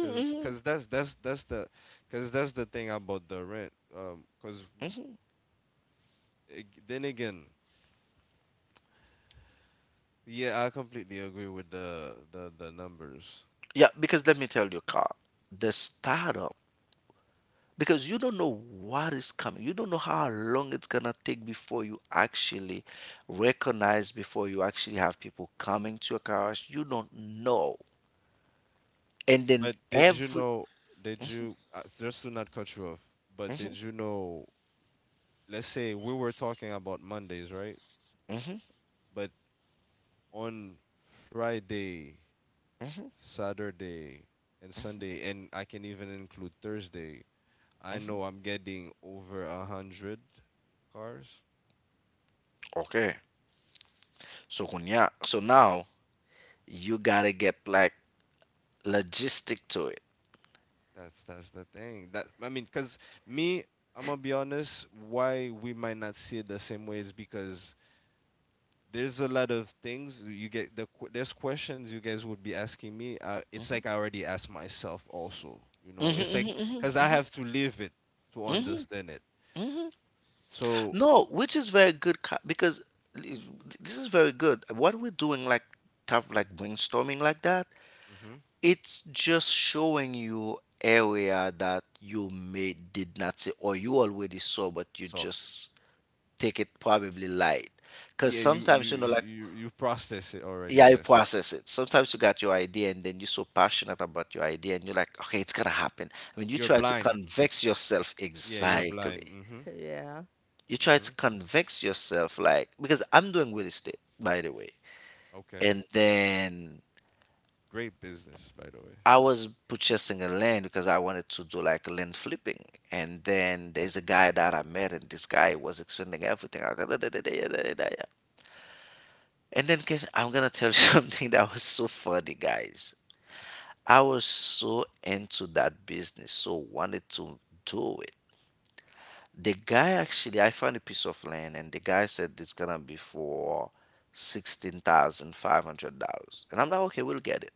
Speaker 1: Cause, cause That's the, cause that's the thing about the rent. Then again, yeah, I completely agree with the numbers.
Speaker 2: Yeah, because let me tell you, Carl, the startup, because you don't know what is coming. You don't know how long it's gonna take before you actually recognize, before you actually have people coming to your cars. You don't know. And then
Speaker 1: But did you
Speaker 2: every.
Speaker 1: know? Did you, just to not cut you off, but did you know? Let's say we were talking about Mondays, right?
Speaker 2: Mhm.
Speaker 1: But on Friday, Saturday, and Sunday, and I can even include Thursday. I know I'm getting over 100 cars.
Speaker 2: Okay. So kunya, so now you gotta get like logistic to it.
Speaker 1: That's the thing. That I mean, cause me, I'm gonna be honest. Why we might not see it the same way is because there's a lot of things you get. There's questions you guys would be asking me. It's like I already asked myself also. You know, it's like cause I have to live it to understand it. So,
Speaker 2: No, which is very good co- because I- this is very good. What we're doing, like tough, like brainstorming, like that,
Speaker 1: hmm
Speaker 2: it's just showing you area that you may did not see or you already saw, but you
Speaker 1: so
Speaker 2: just take it
Speaker 1: uh,
Speaker 2: probably light. Because
Speaker 1: yeah, you you
Speaker 2: sometimes you know,
Speaker 1: you
Speaker 2: like
Speaker 1: you you process it already.
Speaker 2: yeah, you
Speaker 1: Yes,
Speaker 2: process it. Sometimes you got your idea and then you're so passionate about your idea and you're like, okay, it's gonna happen. I mean, you
Speaker 1: you're
Speaker 2: try to
Speaker 1: blind.
Speaker 2: convince yourself
Speaker 1: Yeah, you're
Speaker 2: exactly.
Speaker 1: blind. Mm-hmm.
Speaker 3: Yeah.
Speaker 2: You try to
Speaker 1: Mm-hmm.
Speaker 2: convince yourself like, because I'm doing real estate, by the way,
Speaker 1: Okay.
Speaker 2: and then
Speaker 1: Great business, by the way.
Speaker 2: I was purchasing a land because I wanted to do like land flipping, and then there's a guy that I met and this guy was explaining everything. I was like, "Da, da, da, da, da, da, da, da." I'm gonna tell you something that was so funny, guys. I was so into that business, so wanted to do it. The guy actually, I found a piece of land, and the guy said it's gonna be for $16,500, and I'm like, okay, we'll get it.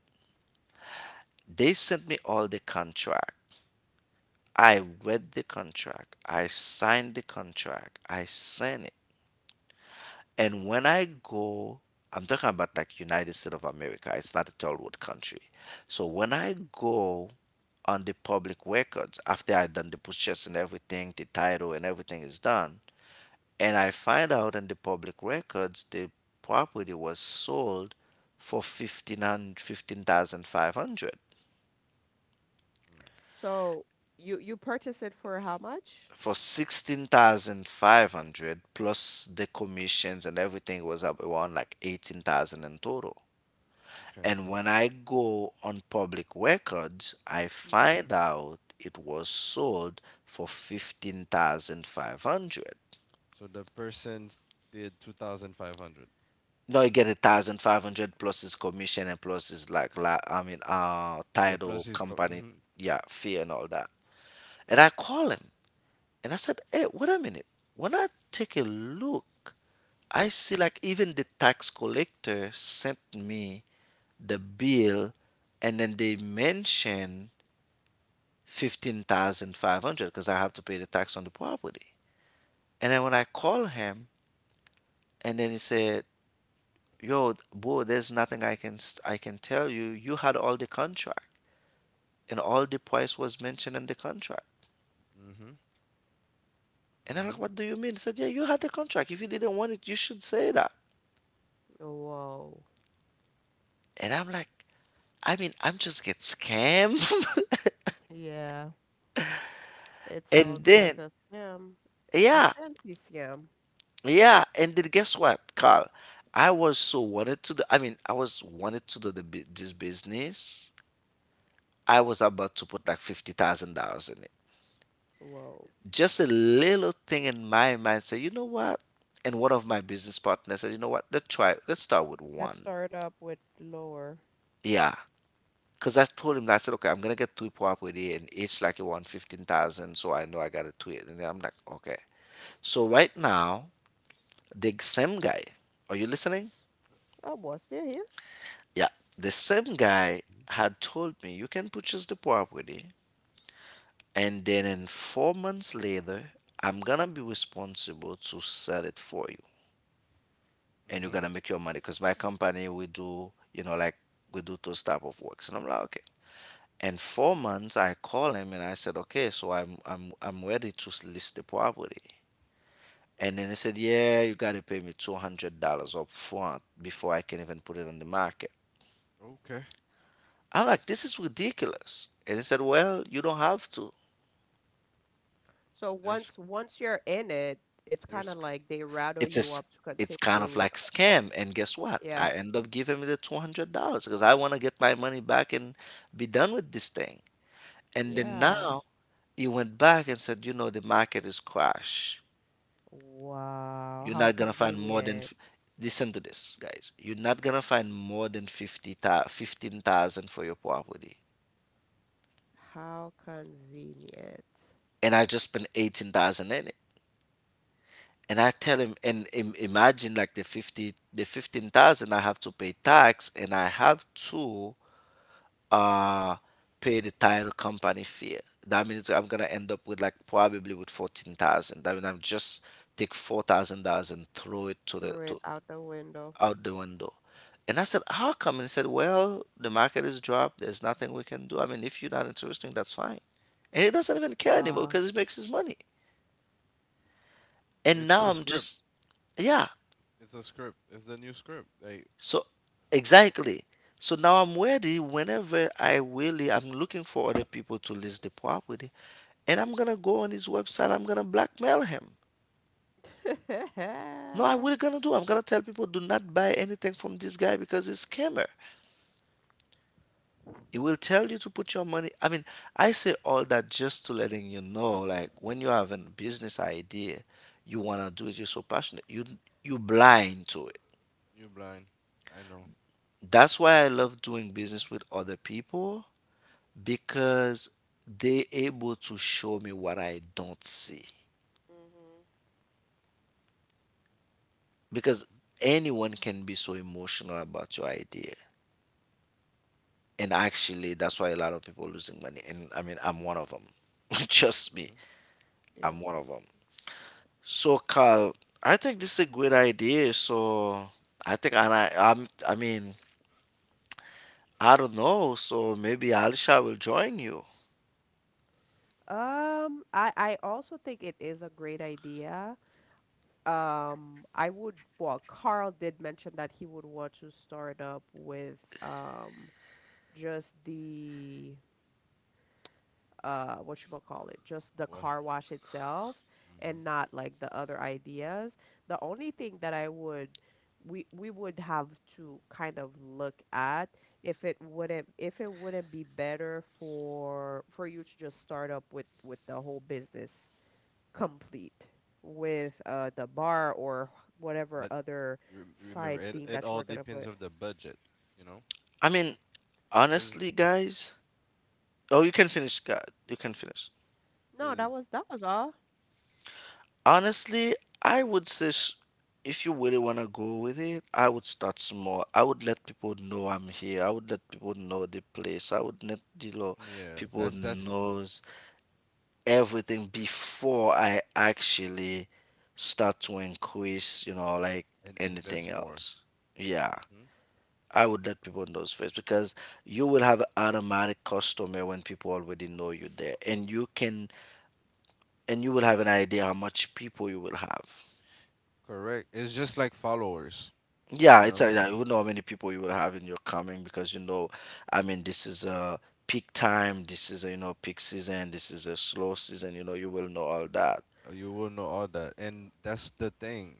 Speaker 2: They sent me all the contract. I read the contract. I signed the contract. I signed it. And when I go, I'm talking about like United States of America. It's not a third world country. So when I go on the public records after I've done the purchase and everything, the title and everything is done, and I find out in the public records the property was sold for 1500 15,500.
Speaker 1: Mm,
Speaker 3: So you purchase it for how much?
Speaker 2: For 16,500 plus the commissions and everything was up around like 18,000 in total.
Speaker 1: Okay.
Speaker 2: And when I go on public records, I
Speaker 3: Mhm.
Speaker 2: find out it was sold for 15,500.
Speaker 1: So the person did 2,500.
Speaker 2: No, you get a thousand five hundred plus his commission and plus his like,
Speaker 1: Yeah, plus
Speaker 2: title,
Speaker 1: his
Speaker 2: company,
Speaker 1: mhm,
Speaker 2: yeah, fee and all that. And I call him and I said, "Hey, wait a minute. When I take a look, I see like even the tax collector sent me the bill, and then they mention 15,500 because I have to pay the tax on the property." And then when I call him, and then he said, "Yo, bro, there's nothing I can tell you. You had all the contract," and all the price was mentioned in the contract.
Speaker 1: mhm,
Speaker 2: And I'm like,
Speaker 1: mhm,
Speaker 2: what do you mean? He said, yeah, you had the contract. If you didn't want it, you should say that.
Speaker 3: Whoa.
Speaker 2: And I'm like, I mean, I'm just get scammed.
Speaker 3: Yeah. It
Speaker 2: And
Speaker 3: sounds
Speaker 2: then,
Speaker 3: like a scam, a
Speaker 2: yeah,
Speaker 3: fancy scam.
Speaker 2: yeah. And then guess what, Carl? I was wanted to do this business. I was about to put like $50,000 in it.
Speaker 3: Whoa.
Speaker 2: Just a little thing in my mind said, you know what? And one of my business partners said, you know what? Let's try, let's start with
Speaker 3: Let's
Speaker 2: one.
Speaker 3: start up with lower.
Speaker 2: Yeah. Because I told him, I said, okay, I'm gonna get two property and each like you want 15,000, so I know I gotta tweet. And then I'm like, okay. So right now, the same guy, are you listening?
Speaker 3: Oh, was there?
Speaker 2: Yeah, the same guy had told me you can purchase the property, and then in 4 months later, I'm gonna be responsible to sell it for you, and you're
Speaker 1: mhm.
Speaker 2: gonna make your money. Because my company, we do, you know, like we do those type of works, and I'm like, okay. And 4 months, I call him and I said, okay, so I'm ready to list the property. And then he said, yeah, you gotta pay me $200 up front before I can even put it on the market.
Speaker 1: Okay.
Speaker 2: I'm like,
Speaker 1: That's
Speaker 2: this is ridiculous. And he said, well, you don't have to.
Speaker 3: So
Speaker 1: there's
Speaker 3: once once you're in it, it's kind of
Speaker 1: there's
Speaker 3: like they rattle
Speaker 2: It's a
Speaker 3: you
Speaker 2: s
Speaker 3: up to
Speaker 2: it's kind of
Speaker 3: continue.
Speaker 2: like scam. And guess what?
Speaker 3: Yeah.
Speaker 2: I end up giving him the $200 because I want to get my money back and be done with this thing. And then
Speaker 3: Yeah.
Speaker 2: now he went back and said, you know, the market is crashed.
Speaker 3: Wow,
Speaker 2: You're
Speaker 3: how
Speaker 2: not gonna find more than.
Speaker 3: convenient.
Speaker 2: Listen to this, guys. You're not gonna find more than 15,000 for your property,
Speaker 3: How convenient.
Speaker 2: and I just spent 18,000 in it. And I tell him, and imagine like the 15,000 I have to pay tax, and I have to uh pay the title company fee. That means I'm gonna end up with like probably with 14,000. I mean, I'm just take $4,000 and throw it
Speaker 3: Threw it out the window.
Speaker 2: out the window. And I said, how come? And he said, well, the market is dropped. There's nothing we can do. I mean, if you're not interested, that's fine. And he doesn't even care anymore
Speaker 3: Uh,
Speaker 2: because he makes his money. And
Speaker 1: it's
Speaker 2: now
Speaker 1: the
Speaker 2: I'm
Speaker 1: script.
Speaker 2: just, yeah.
Speaker 1: It's a script. It's the new script. Like
Speaker 2: So, exactly. So now I'm ready whenever I'm looking for other people to list the property. And I'm going to go on his website. I'm going to blackmail him.
Speaker 3: hmm,
Speaker 2: No, I really going to do. I'm going to tell people, do not buy anything from this guy because he's a scammer. It will tell you to put your money. I mean, I say all that just to letting you know, like when you have a business idea, you wanna do it, you're so passionate, you blind to it.
Speaker 1: you blind. I know.
Speaker 2: That's why I love doing business with other people because they able to show me what I don't see. Because
Speaker 1: Mhm,
Speaker 2: anyone can be so emotional about your idea. And actually that's why a lot of people losing money. And I mean I'm one of them. Trust me,
Speaker 1: mhm.
Speaker 3: yeah.
Speaker 2: I'm
Speaker 3: Mhm.
Speaker 2: one of them. So, Carl, I think this is a good idea. So, I think, I mean, I don't know. So maybe Alisha will join you.
Speaker 3: I also think it is a great idea. I would, well, Carl did mention that he would want to start up with just the what you call it just the
Speaker 1: Wash.
Speaker 3: car wash itself
Speaker 1: Mhm.
Speaker 3: and not like the other ideas the only thing that I would we would have to kind of look at if it wouldn't be better for you to just start up with the whole business complete with the bar or whatever
Speaker 1: But
Speaker 3: other
Speaker 1: you remember
Speaker 3: side
Speaker 1: it
Speaker 3: thing
Speaker 1: it
Speaker 3: that you
Speaker 1: all
Speaker 3: were gonna
Speaker 1: depends
Speaker 3: put
Speaker 1: of the budget, you know?
Speaker 2: I mean,
Speaker 1: Cuz
Speaker 2: honestly, guys. Oh, you can finish, God. You can finish.
Speaker 3: no that
Speaker 1: cuz
Speaker 3: was all
Speaker 2: Honestly, I would say if you really want to go with it, I would start small. I would let people know I'm here. I would let people know the place. I would let the law
Speaker 1: yeah,
Speaker 2: people
Speaker 1: that's
Speaker 2: knows everything before I actually start to increase, you know, like
Speaker 1: and invest
Speaker 2: anything
Speaker 1: more.
Speaker 2: else. Yeah,
Speaker 1: Mhm.
Speaker 2: I would let people know first because you will have automatic customer when people already know you there, and you can and you will have an idea how much people you will have.
Speaker 1: Correct. It's just like followers,
Speaker 2: Yeah,
Speaker 1: you
Speaker 2: it's
Speaker 1: know?
Speaker 2: like that. You would know how many people you will have in your coming because you know, I mean, this is a peak time. This is a, you know peak season. This is a slow season. You know, you will know all that.
Speaker 1: You will know all that, and that's the thing.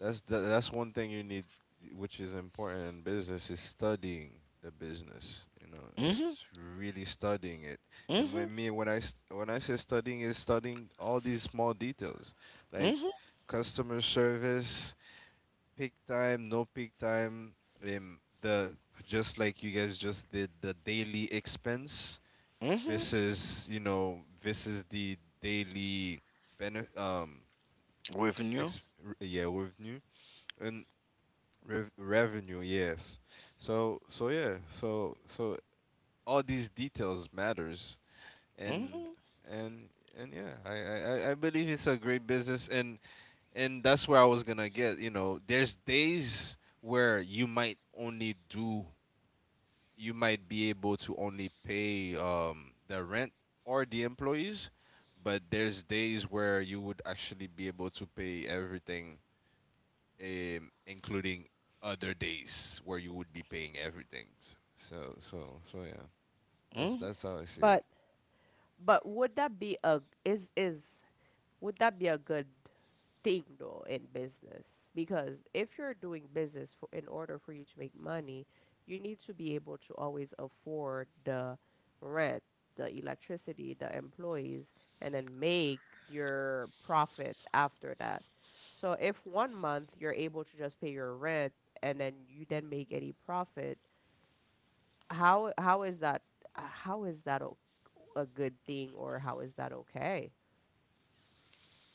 Speaker 1: That's one thing you need, which is important in business, is studying the business. You know, it's really studying it. And
Speaker 2: Mhm.
Speaker 1: when me when I s- when I say studying, is studying all these small details, like
Speaker 2: Mhm.
Speaker 1: customer service, peak time, no peak time, the just like you guys just did the daily expense
Speaker 2: Mhm.
Speaker 1: versus versus the daily benefit.
Speaker 2: Revenue?
Speaker 1: Ex Yeah, revenue. And revenue, yes. Yeah, so all these details matters. and
Speaker 2: Hmm.
Speaker 1: and and yeah, I believe it's a great business. And that's where I was gonna get. You know, there's days where you might be able to only pay the rent or the employees. But there's days where you would actually be able to pay everything, including other days where you would be paying everything. So yeah, that's
Speaker 2: Hmm.
Speaker 1: that's how I see it.
Speaker 3: but but would that be a is would that be a good thing though in business because if you're doing business for in order for you to make money, you need to be able to always afford the rent, the electricity, the employees, and then make your profit after that. So if one month you're able to just pay your rent and then you then make any profit, how is that how is that o- a good thing or how is that okay?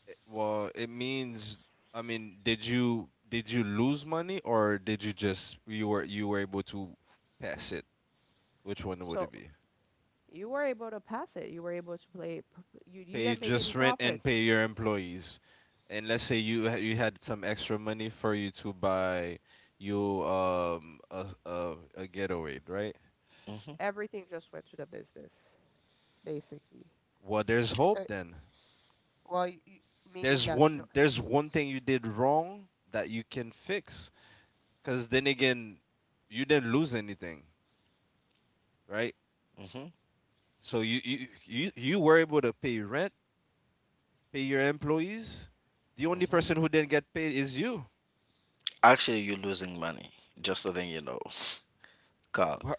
Speaker 1: Well, it means I mean, did you lose money, or did you just you were able to pass it? Which one would
Speaker 3: So
Speaker 1: it be?
Speaker 3: you were able to pass it. You were able to play. You
Speaker 1: Pay
Speaker 3: didn't make any
Speaker 1: just rent and
Speaker 3: profits.
Speaker 1: pay your employees. And let's say you you had some extra money for you to buy you a getaway, right?
Speaker 2: Hmm.
Speaker 3: Everything just went to the business, basically.
Speaker 1: Well, there's
Speaker 3: So,
Speaker 1: hope then.
Speaker 3: well, you, meaning
Speaker 1: there's
Speaker 3: that you don't.
Speaker 1: one there's one thing you did wrong that you can fix, because then again, you didn't lose anything, right?
Speaker 2: Hmm.
Speaker 1: So you, you were able to pay rent, pay your employees. The only
Speaker 2: Hmm.
Speaker 1: person who didn't get paid is you.
Speaker 2: Actually, you're losing money. Just so that you know. Carl,
Speaker 1: what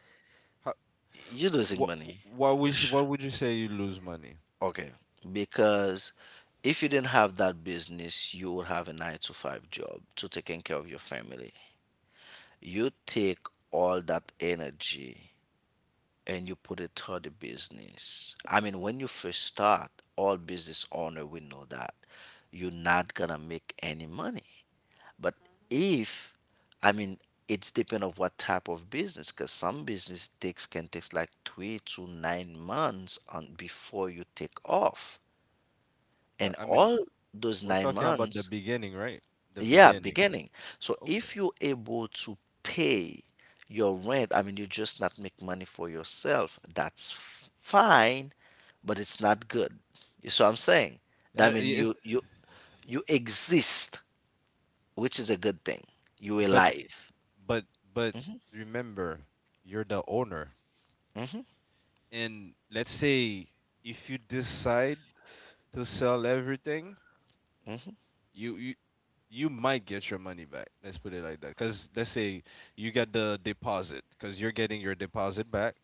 Speaker 2: you're losing
Speaker 1: what
Speaker 2: money.
Speaker 1: why would you, why
Speaker 2: Sh-
Speaker 1: would you say you lose money?
Speaker 2: Okay. Because if you didn't have that business, you would have a nine to five job to taking care of your family. You take all that energy and you put it toward the business. I mean, when you first start, all business owner will know that you're not gonna make any money. But
Speaker 3: Mhm.
Speaker 2: if I mean, it's depend of what type of business because some business takes can takes like 3 to 9 months on before you take off. And
Speaker 1: I mean,
Speaker 2: all those
Speaker 1: we're
Speaker 2: nine
Speaker 1: talking about the
Speaker 2: months,
Speaker 1: beginning, right? The
Speaker 2: yeah,
Speaker 1: beginning.
Speaker 2: beginning. So
Speaker 1: Oh, okay.
Speaker 2: if you're able to pay your rent, I mean you just not make money for yourself, that's fine, but it's not good. You see what I'm saying?
Speaker 1: Uh,
Speaker 2: That mean you exist, which is a good thing. You
Speaker 1: but
Speaker 2: alive.
Speaker 1: but but remember, you're the owner. And let's say if you decide to sell everything, you you you might get your money back. Let's put it like that. Cause let's say you got the deposit, cause you're getting your deposit back,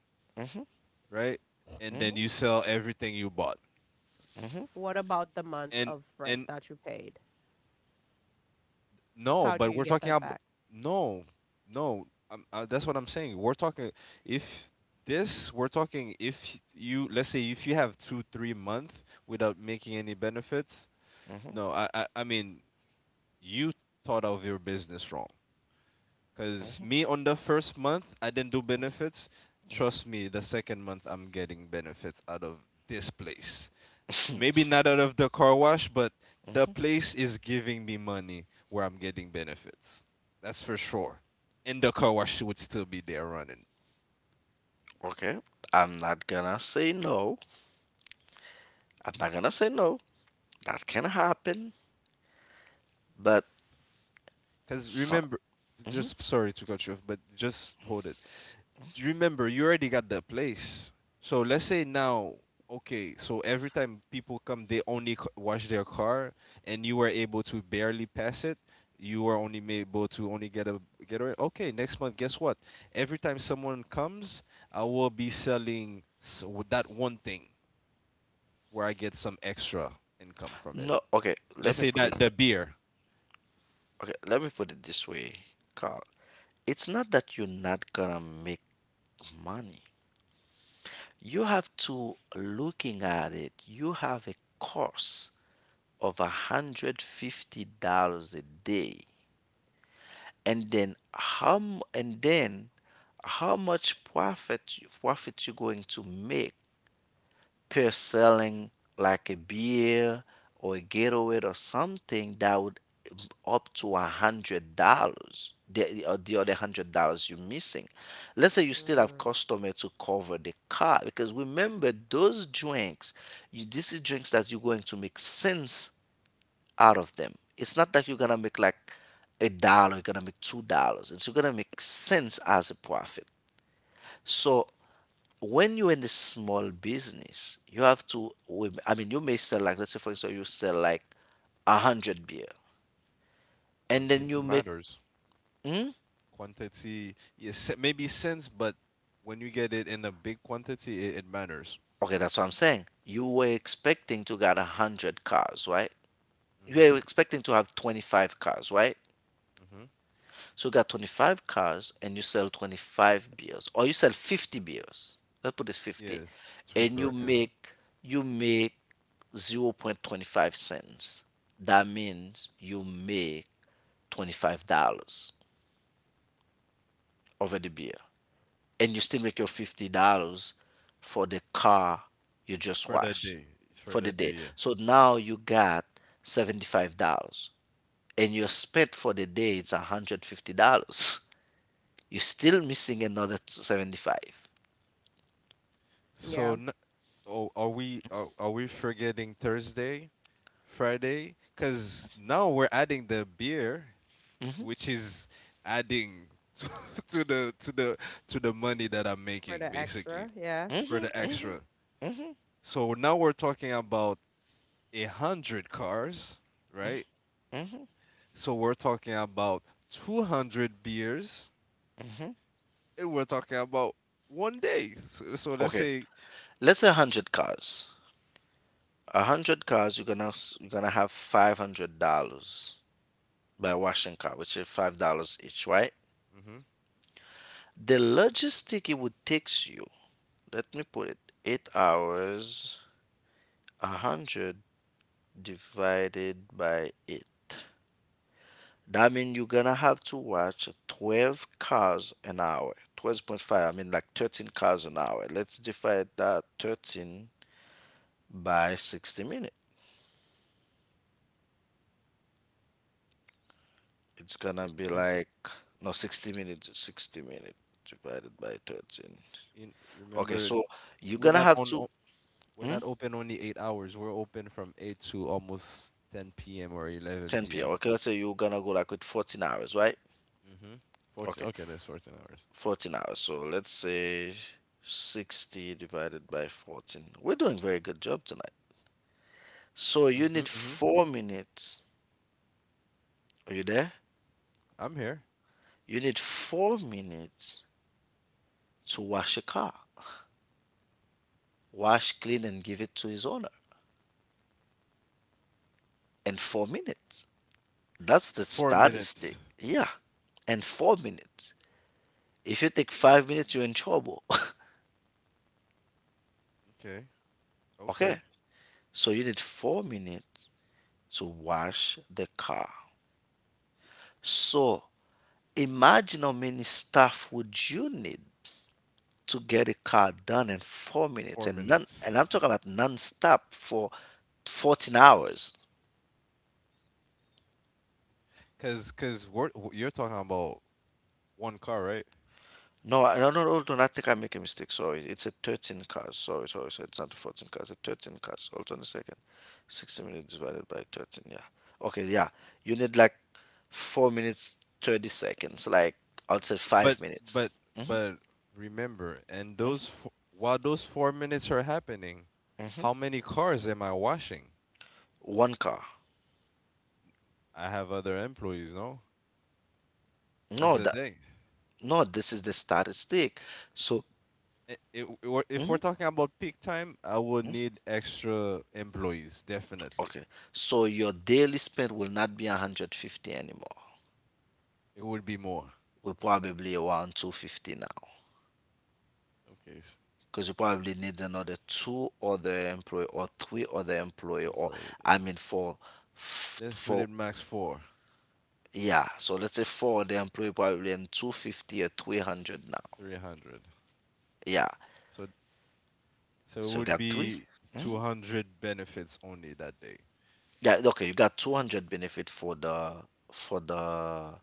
Speaker 1: right? And then you sell everything you bought.
Speaker 2: Mm-hmm.
Speaker 3: What about the months
Speaker 1: And
Speaker 3: of rent
Speaker 1: and
Speaker 3: that you paid? How
Speaker 1: No,
Speaker 3: do
Speaker 1: but
Speaker 3: you
Speaker 1: we're
Speaker 3: get
Speaker 1: talking
Speaker 3: that
Speaker 1: about.
Speaker 3: back?
Speaker 1: No, no. That's what I'm saying. We're talking, if this we're talking if you let's say if you have 2-3 months without making any benefits.
Speaker 2: Hmm.
Speaker 1: No, I mean, you thought of your business wrong. Because me, on the first month, I didn't do benefits. Trust me, the second month, I'm getting benefits out of this place. Maybe not out of the car wash, but the place is giving me money where I'm getting benefits. That's for sure. And the car wash would still be there running.
Speaker 2: Okay. I'm not gonna say no. I'm not gonna say no. That can happen. But
Speaker 1: Because
Speaker 2: some
Speaker 1: remember, just sorry to cut you off, but just hold it. Remember, you already got the place. So let's say now, okay, so every time people come they only wash their car, and you were able to barely pass it. You were only able to only get a Okay, next month, guess what, every time someone comes, I will be selling that one thing where I get some extra income from it.
Speaker 2: no. Okay.
Speaker 1: Let's
Speaker 2: Let me
Speaker 1: say
Speaker 2: put it.
Speaker 1: that the beer.
Speaker 2: Okay. Let me put it this way, Carl. It's not that you're not gonna make money. You have to looking at it. You have a cost of $150 a day, and then how? And then how much profit you're going to make per selling like a beer or a Gatorade or something that would up to $100, or the other $100 you're missing. Let's say you still have
Speaker 3: Mm,
Speaker 2: customer to cover the car because remember those drinks, this is drinks that you're going to make sense out of them. It's not that you're gonna make like a dollar, you're gonna make $2. It's you're gonna make sense as a profit. So when you're in the small business, you have to, I mean, you may sell like, let's say for instance, you sell like a hundred beer and then
Speaker 1: Quantity
Speaker 2: you make,
Speaker 1: matters.
Speaker 2: hmm?
Speaker 1: Quantity, yes, maybe sense. But when you get it in a big quantity, it matters.
Speaker 2: Okay, that's what I'm saying. You were expecting to get a hundred cars, right?
Speaker 1: Mm-hmm.
Speaker 2: You were expecting to have 25 cars, right?
Speaker 1: Mm-hmm.
Speaker 2: So you got 25 cars and you sell 25 beers or you sell 50 beers. Let's put it 50.
Speaker 1: Yes.
Speaker 2: And you
Speaker 1: Super. Yeah. Mhm.
Speaker 2: make, you make 0.25 cents. That means you make $25 over the beer and you still make your $50 for the car you just
Speaker 1: For that
Speaker 2: washed
Speaker 1: day. It's for
Speaker 2: for the
Speaker 1: that
Speaker 2: day.
Speaker 1: day. Yeah.
Speaker 2: So now you got $75 and your spent for the day is $150. You're still missing another 75.
Speaker 3: yeah,
Speaker 1: So, oh, are we forgetting Thursday, Friday? Cause now we're adding the beer, which is adding to, to the to the to the money that I'm
Speaker 3: for the
Speaker 1: making
Speaker 3: extra.
Speaker 1: basically,
Speaker 3: Yeah.
Speaker 1: for the extra. So now we're talking about a hundred cars, right? So we're talking about 200 beers. And we're talking about one day. Let's
Speaker 2: Okay,
Speaker 1: say,
Speaker 2: let's say 100 cars. 100 cars you're gonna you're gonna have $500 by washing car, which is $5 each, right?
Speaker 1: hmm
Speaker 2: The logistic, it would takes you, let me put it, 8 hours. 100 divided by 8, that means you're gonna have to watch 12 cars an hour. 12.5, I mean, like 13 cars an hour. Let's divide that 13 by 60 minutes. It's gonna be like, no, 60 minutes divided by 13.
Speaker 1: you, you
Speaker 2: Okay,
Speaker 1: remember,
Speaker 2: so you're
Speaker 1: we're
Speaker 2: gonna
Speaker 1: not
Speaker 2: have
Speaker 1: on,
Speaker 2: to,
Speaker 1: o- we're
Speaker 2: hmm?
Speaker 1: not open only 8 hours. We're open from eight to almost 10 p.m. or 11
Speaker 2: 10 p.m.,
Speaker 1: p.m.
Speaker 2: okay, let's say you're gonna go like with 14 hours, right?
Speaker 1: Mm-hmm. 14.
Speaker 2: Okay,
Speaker 1: Okay, that's 14 hours.
Speaker 2: 14 hours. So let's say 60 divided by 14. We're doing very good job tonight. So you
Speaker 1: Mm-hmm,
Speaker 2: need
Speaker 1: mm-hmm.
Speaker 2: 4 minutes. Are you there?
Speaker 1: I'm here.
Speaker 2: You need 4 minutes to wash a car. Wash, clean, and give it to his owner. And 4 minutes. That's the
Speaker 1: Four
Speaker 2: statistic.
Speaker 1: minutes.
Speaker 2: Yeah. And 4 minutes. If you take 5 minutes, you're in trouble.
Speaker 1: Okay.
Speaker 2: Okay.
Speaker 1: Okay.
Speaker 2: So you need 4 minutes to wash the car. So imagine how many staff would you need to get a car done in 4 minutes,
Speaker 1: Four
Speaker 2: and non
Speaker 1: minutes.
Speaker 2: and I'm talking about non-stop for 14 hours.
Speaker 1: Cause you're talking about one car, right?
Speaker 2: No, no, no, no, do not think I make a mistake. Sorry, it's a 13 cars. Sorry, sorry, sorry. It's not the 14 cars. It's 13 cars. Hold on a second. 60 minutes divided by 13. Yeah. Okay. Yeah. You need like 4 minutes 30 seconds. Like I'll say five
Speaker 1: But
Speaker 2: minutes.
Speaker 1: but but remember, and those f while those 4 minutes are happening, how many cars am I washing?
Speaker 2: One car.
Speaker 1: I have other employees, no? That's
Speaker 2: No,
Speaker 1: the
Speaker 2: that
Speaker 1: thing.
Speaker 2: no. This is the statistic. So
Speaker 1: If we're talking about peak time, I would need extra employees, definitely.
Speaker 2: okay. So your daily spend will not be 150 anymore.
Speaker 1: It would be more.
Speaker 2: We probably around 250 now
Speaker 1: Okay,
Speaker 2: because you probably need another two other employee or three other employee, or
Speaker 1: employee.
Speaker 2: I mean,
Speaker 1: Let's put
Speaker 2: for
Speaker 1: it max four,
Speaker 2: yeah, so let's say four other employee probably in 250 or 300 now.
Speaker 1: 300.
Speaker 2: Yeah,
Speaker 1: So so it
Speaker 2: so you
Speaker 1: would
Speaker 2: got 3.
Speaker 1: be
Speaker 2: Mhm.
Speaker 1: 200 benefits only that day.
Speaker 2: Yeah, okay, you got 200 benefit for the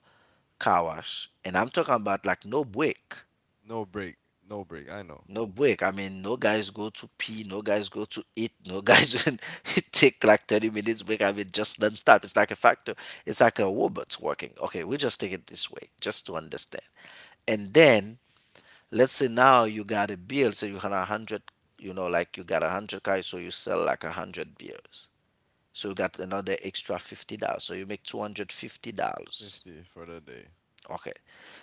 Speaker 2: car wash, and I'm talking about like no break.
Speaker 1: No break, no break. I know.
Speaker 2: No break. I mean, no guys go to pee, no guys go to eat, no guys take like 30 minutes break. I mean, just non-stop. It's like a factor. It's like a robot's working. Okay, we just take it this way, just to understand. And then let's say now you got a bill, so you had a hundred, like you got a hundred cars, so you sell like a hundred beers. So you got another extra $50. So you make $250.
Speaker 1: 50 for the day.
Speaker 2: Okay.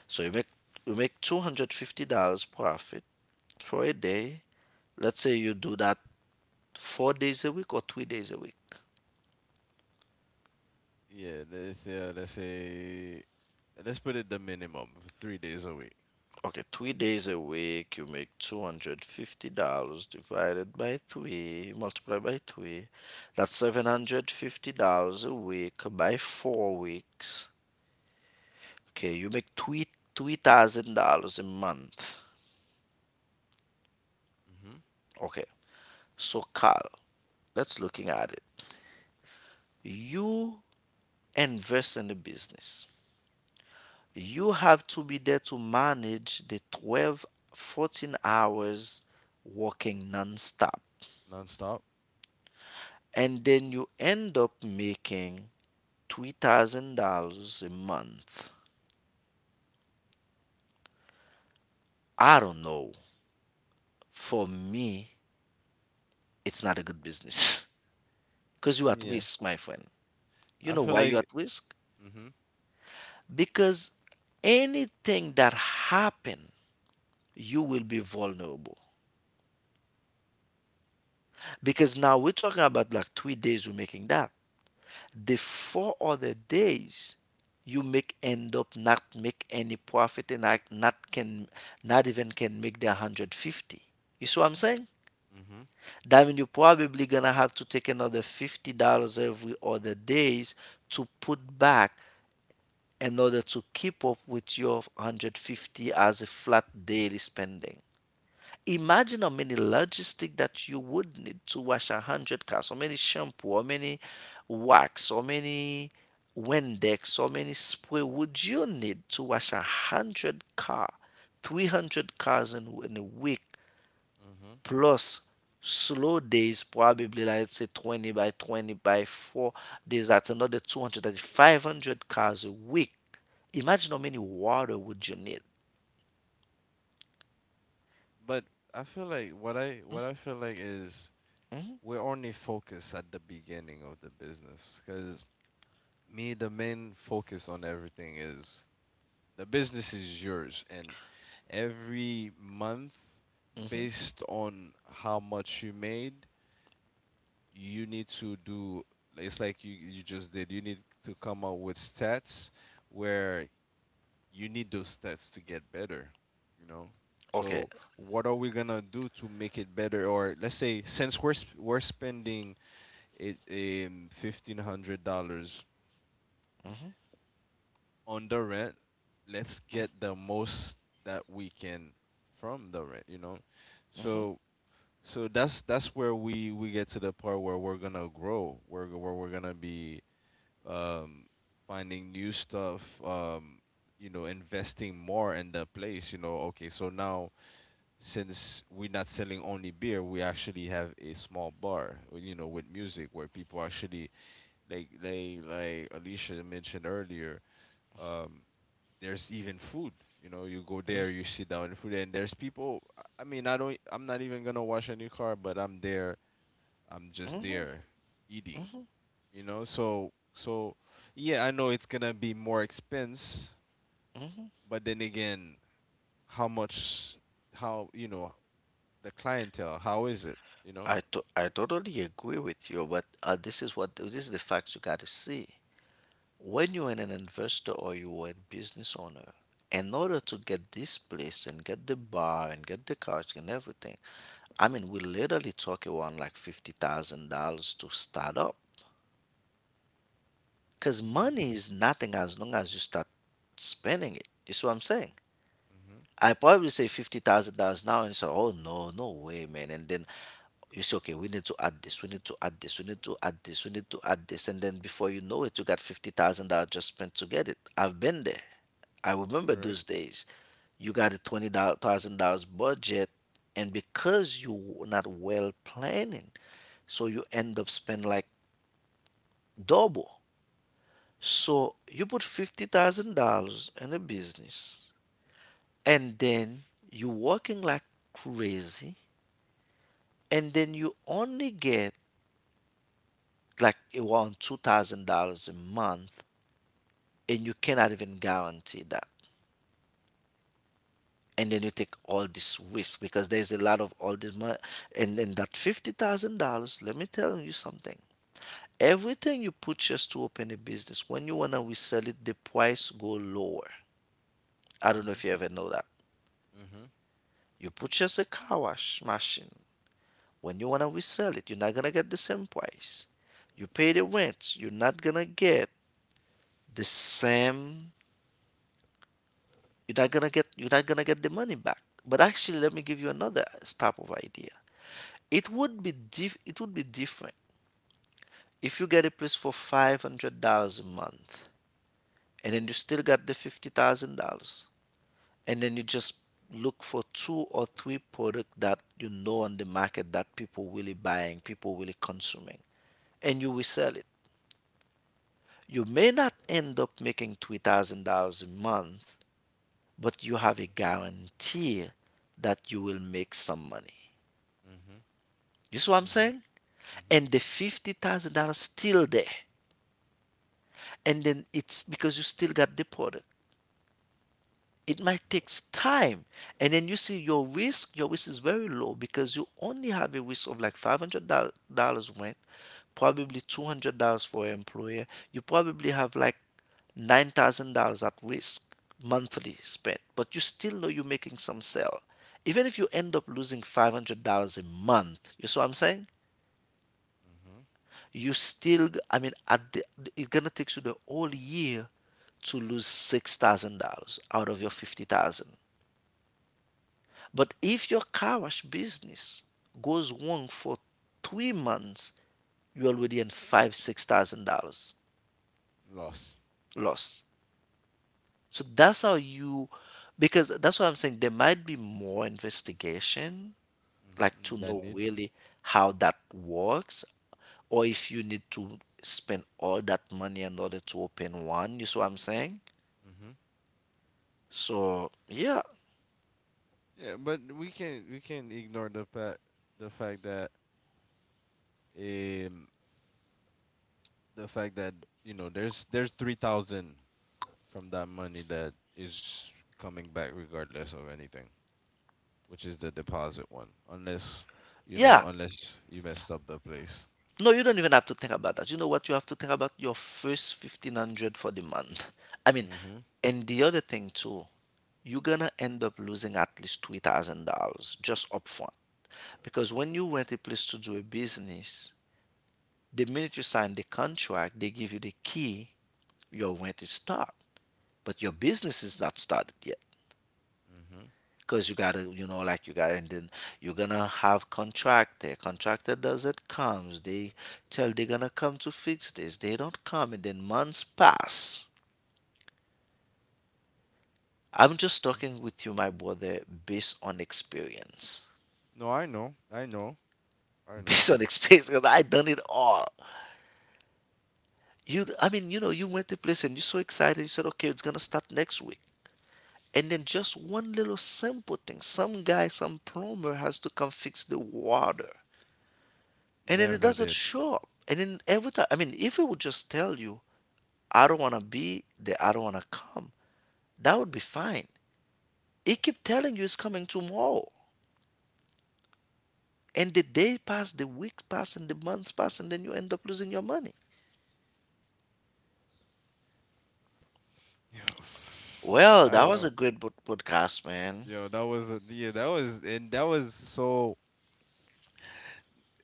Speaker 2: So you make $250 profit for a day. Let's say you do that 4 days a week or 3 days a week.
Speaker 1: Yeah, let's put it the minimum of 3 days a week.
Speaker 2: Okay, 3 days a week, you make $250 divided by three, multiplied by three. That's $750 a week by 4 weeks. Okay, you make three thousand dollars a month.
Speaker 1: Mm-hmm.
Speaker 2: Okay, so Carl, let's looking at it. You invest in the business. You have to be there to manage the 12 14 hours working non-stop.
Speaker 1: Non-stop.
Speaker 2: And then you end up making $3,000 a month. I don't know. For me, it's not a good business because you're at
Speaker 1: Yeah,
Speaker 2: risk, my friend. You
Speaker 1: I
Speaker 2: know
Speaker 1: feel
Speaker 2: why you're
Speaker 1: like.
Speaker 2: at risk?
Speaker 1: Mm-hmm.
Speaker 2: Because anything that happen, you will be vulnerable. Because now we're talking about like 3 days you're making that. The four other days, you make end up not make any profit, and I not can not even can make the 150. You see what I'm saying?
Speaker 1: Mm-hmm.
Speaker 2: That means you're probably gonna have to take another $50 every other days to put back in order to keep up with your 150 as a flat daily spending. Imagine how many logistics that you would need to wash a hundred cars, how many shampoo, how many wax, how many Windex, how many spray would you need to wash a hundred car, 300 cars in a week?
Speaker 1: Mm-hmm.
Speaker 2: Plus slow days, probably like say 20 by 20 by 4 days, that's another 200 cars a week. Imagine how many water would you need.
Speaker 1: But I feel like what I feel like is we're only focused at the beginning of the business, because me, the main focus on everything is the business is yours. And every month, based on how much you made, you need to do. It's like you just did, you need to come up with stats where you need those stats to get better, you know?
Speaker 2: Okay.
Speaker 1: So what are we gonna do to make it better? Or let's say, since we're we're spending it, $1,500
Speaker 2: Hmm.
Speaker 1: on the rent, let's get the most that we can from the rent, you know?
Speaker 2: Hmm.
Speaker 1: So so that's where we get to the part where we're gonna grow, where we're gonna be, um, finding new stuff, you know, investing more in the place. You know, okay, so now since we're not selling only beer, we actually have a small bar, you know, with music where people actually like Alicia mentioned earlier. Um, there's even food. You know, you go there, you sit down and food, and there's people. I mean, I don't. I'm not even gonna wash a new car, but I'm there. I'm just there eating, you know. So yeah, I know it's gonna be more expense. But then again, how much, how, you know, the clientele, how is it, you know?
Speaker 2: I totally agree with you, but this is the facts you got to see. When you are an investor or you are a business owner, in order to get this place and get the bar and get the couch and everything, I mean, we literally talk around like $50,000 to start up. Cause
Speaker 1: Hmm.
Speaker 2: money is nothing as long as you start spending it. You see what I'm saying?
Speaker 1: Hmm.
Speaker 2: I probably say $50,000 now, and you say, "Oh no, no way, man!" And then you say, "Okay, we need to add this. We need to add this. We need to add this. We need to add this." And then before you know it, you got $50,000 just spent to get it. I've been there. I remember
Speaker 1: Correct.
Speaker 2: those days. You got a $20,000 budget, and because you were not well planning, so you end up spending like double. So you put $50,000 in a business, and then you working like crazy, and then you only get like around $2,000 a month, and you cannot even guarantee that. And then you take all this risk because there's a lot of all this money, and then that $50,000, let me tell you something, everything you put just to open a business, when you want to resell it, the price go lower. I don't know
Speaker 1: Hmm.
Speaker 2: if you ever know that.
Speaker 1: Hmm.
Speaker 2: You put just a car wash machine, when you want to resell it you're not going to get the same price. You pay the rent, you're not going to get the same. You're not going to get you're not going to get the money back. But actually, let me give you another type of idea. It would be different. If you get a place for $500 a month, and then you still got the $50,000, and then you just look for two or three products that you know on the market that people really buying, people really consuming, and you resell it. You may not end up making $3,000 a month, but you have a guarantee that you will make some money.
Speaker 1: Hmm.
Speaker 2: You see what I'm
Speaker 1: Hmm. Hmm. Hmm.
Speaker 2: saying? And the $50,000 still there, and then it's because you still got the product, it might take time. And then you see, your risk is very low, because you only have a risk of like $500 rent, probably $200 for an employer. You probably have like $9,000 at risk monthly spent, but you still know you're making some sale. Even if you end up losing $500 a month, you see what I'm saying? You still, I mean, it's gonna take you the whole year to lose $6,000 out of your 50,000. But if your car wash business goes wrong for 3 months, you're already in five, $6,000
Speaker 1: Loss.
Speaker 2: loss. So that's how you, because that's what I'm saying. There might be more investigation, like
Speaker 1: Mm-hmm,
Speaker 2: to
Speaker 1: that
Speaker 2: know
Speaker 1: need.
Speaker 2: really how that works, or if you need to spend all that money in order to open one. You see what I'm saying?
Speaker 1: Hmm.
Speaker 2: So yeah,
Speaker 1: Yeah, but we can ignore the fact. The fact that um the fact that you know there's 3,000 from that money that is coming back regardless of anything, which is the deposit one, unless, you know,
Speaker 2: yeah.
Speaker 1: unless you messed up the place.
Speaker 2: No, you don't even have to think about that. You know what? You have to think about your first 1500 for the month. I mean,
Speaker 1: Mhm.
Speaker 2: and the other thing too, you're gonna end up losing at least $3,000 just upfront. Because when you rent a place to do a business, the minute you sign the contract, they give you the key, your rent is start, but your business is not started yet.
Speaker 1: Mhm.
Speaker 2: Because you gotta you know like you gotta and then you're gonna have contractor doesn't comes, they tell they're gonna come to fix this, they don't come, and then months pass. I'm just
Speaker 1: Mhm.
Speaker 2: talking with you, my brother, based on experience.
Speaker 1: No, I know. I know. I know.
Speaker 2: Based on experience, because I done it all. You I mean You know, you went to place and you're so excited, you said okay, it's gonna start next week, and then just one little simple thing, some plumber has to come fix the water, and then it
Speaker 1: Never
Speaker 2: doesn't
Speaker 1: did.
Speaker 2: show up. And then every time, I mean, if it would just tell you, I don't want to be there, I don't want to come, that would be fine. It keep telling you it's coming tomorrow. And the day pass, the week pass, and the month pass, and then you end up losing your money.
Speaker 1: Yo,
Speaker 2: Well,
Speaker 1: I
Speaker 2: that was
Speaker 1: know.
Speaker 2: a great podcast, man.
Speaker 1: Yo, that was a, yeah, that was, and that was so,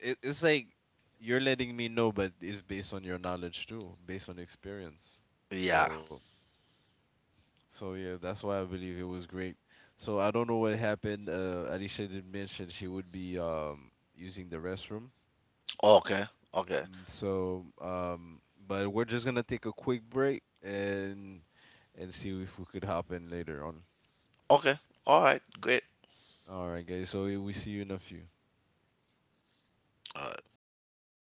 Speaker 1: it's like you're letting me know, but it's based on your knowledge too, based on experience.
Speaker 2: Yeah.
Speaker 1: So So yeah, that's why I believe it was great. So I don't know what happened. Alicia did mention she would be, using the restroom.
Speaker 2: Okay. Okay.
Speaker 1: So, but we're just gonna take a quick break and see if we could hop in later on.
Speaker 2: Okay. All right. Great.
Speaker 1: All right, guys. So we see you in a few.
Speaker 2: All right.